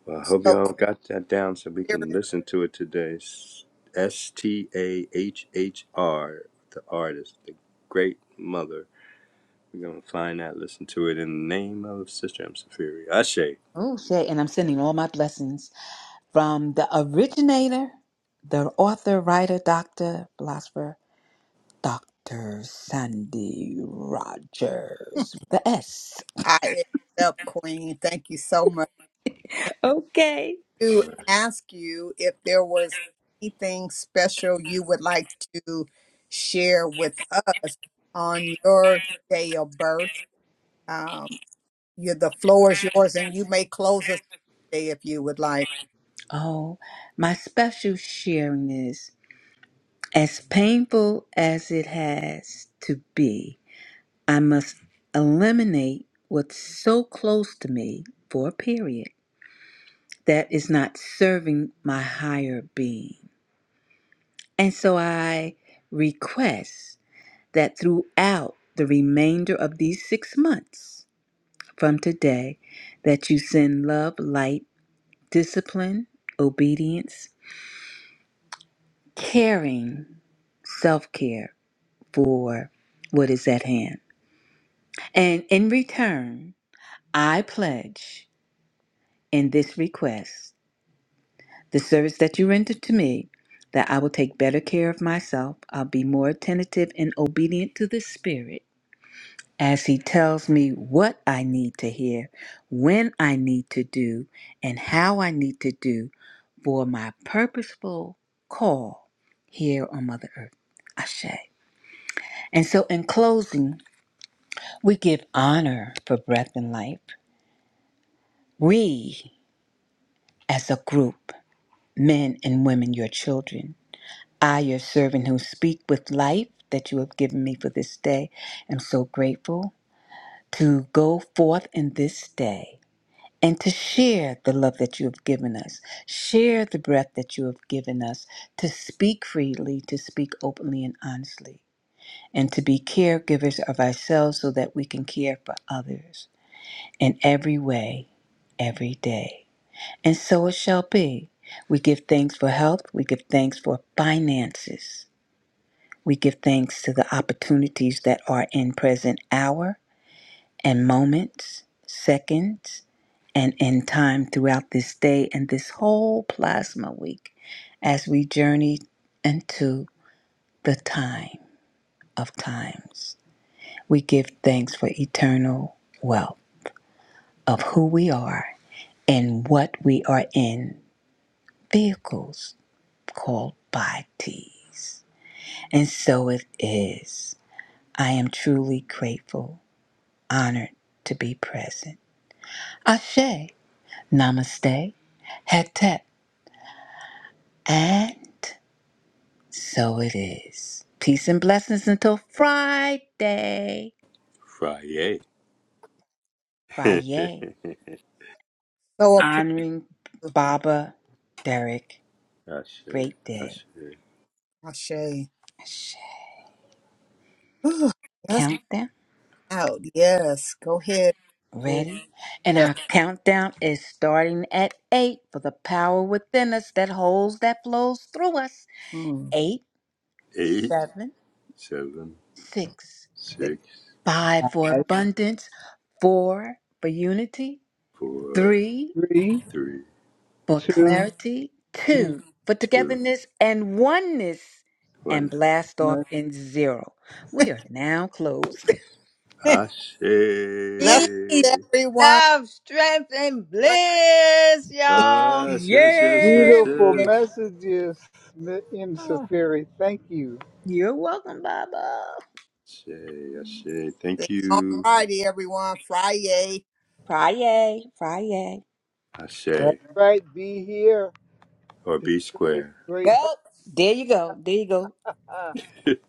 Well, I hope So, y'all got that down so we Query, can listen to it today. S T A H H R, the artist, the great mother. We're going to find that, listen to it in the name of Sister M. Safiri. Ashe. Oh shit! And I'm sending all my blessings from the originator, the author, writer, doctor, philosopher, Doctor Sandy Rogers. The S. I accept, Queen. Thank you so much. Okay. All To right. ask you if there was anything special you would like to share with us on your day of birth. Um, you, the floor is yours, and you may close us today if you would like. Oh, my special sharing is as painful as it has to be, I must eliminate what's so close to me for a period that is not serving my higher being. And so I request that throughout the remainder of these six months from today, that you send love, light, discipline, obedience, caring, self care for what is at hand. And in return, I pledge in this request the service that you render to me, that I will take better care of myself. I'll be more attentive and obedient to the Spirit as He tells me what I need to hear, when I need to do, and how I need to do for my purposeful call here on Mother Earth. Ashe. And so, in closing, We give honor for breath and life. We, as a group, men and women, your children, I, your servant, who speak with life that you have given me for this day, am so grateful to go forth in this day and to share the love that you have given us, share the breath that you have given us, to speak freely, to speak openly and honestly, and to be caregivers of ourselves so that we can care for others. in every way, every day. And so it shall be. We give thanks for health, we give thanks for finances, we give thanks to the opportunities that are in present hour and moments, seconds, and in time throughout this day and this whole plasma week as we journey into the time of times. We give thanks for eternal wealth of who we are and what we are in vehicles called bodies. And so it is. I am truly grateful, honored to be present. Ashe, namaste, hetep, and so it is. Peace and blessings until Friday. Friday. Friday. So Honoring Baba Derek. Ashe. Great day. Ashe. appreciate. Ashe. Ooh, Let's Countdown. get out. Yes. Go ahead. Here, Ready? And yeah. our countdown is starting at eight for the power within us that holds, that flows through us. Mm. Eight, Eight, seven, seven, six, six, five for Five, abundance, four for unity, four, three Three, three, for two, clarity, one. two for two, togetherness and oneness, and one. blast off in zero. We are now closed. Ashe. Bless everyone. love, strength, and Right. bliss, here. y'all. Yes, yes, yes, yes, Yay! Beautiful Yay! yes. messages, Ms. M. Ah. Safiri. Thank you. You're welcome, Baba. Ashe, Ashe. Thank See you on you, Friday, everyone. Friday. Friday, Friday. Ashe, That's right. Be here or to B get this Square. Yep. great. There you go. There you go. help.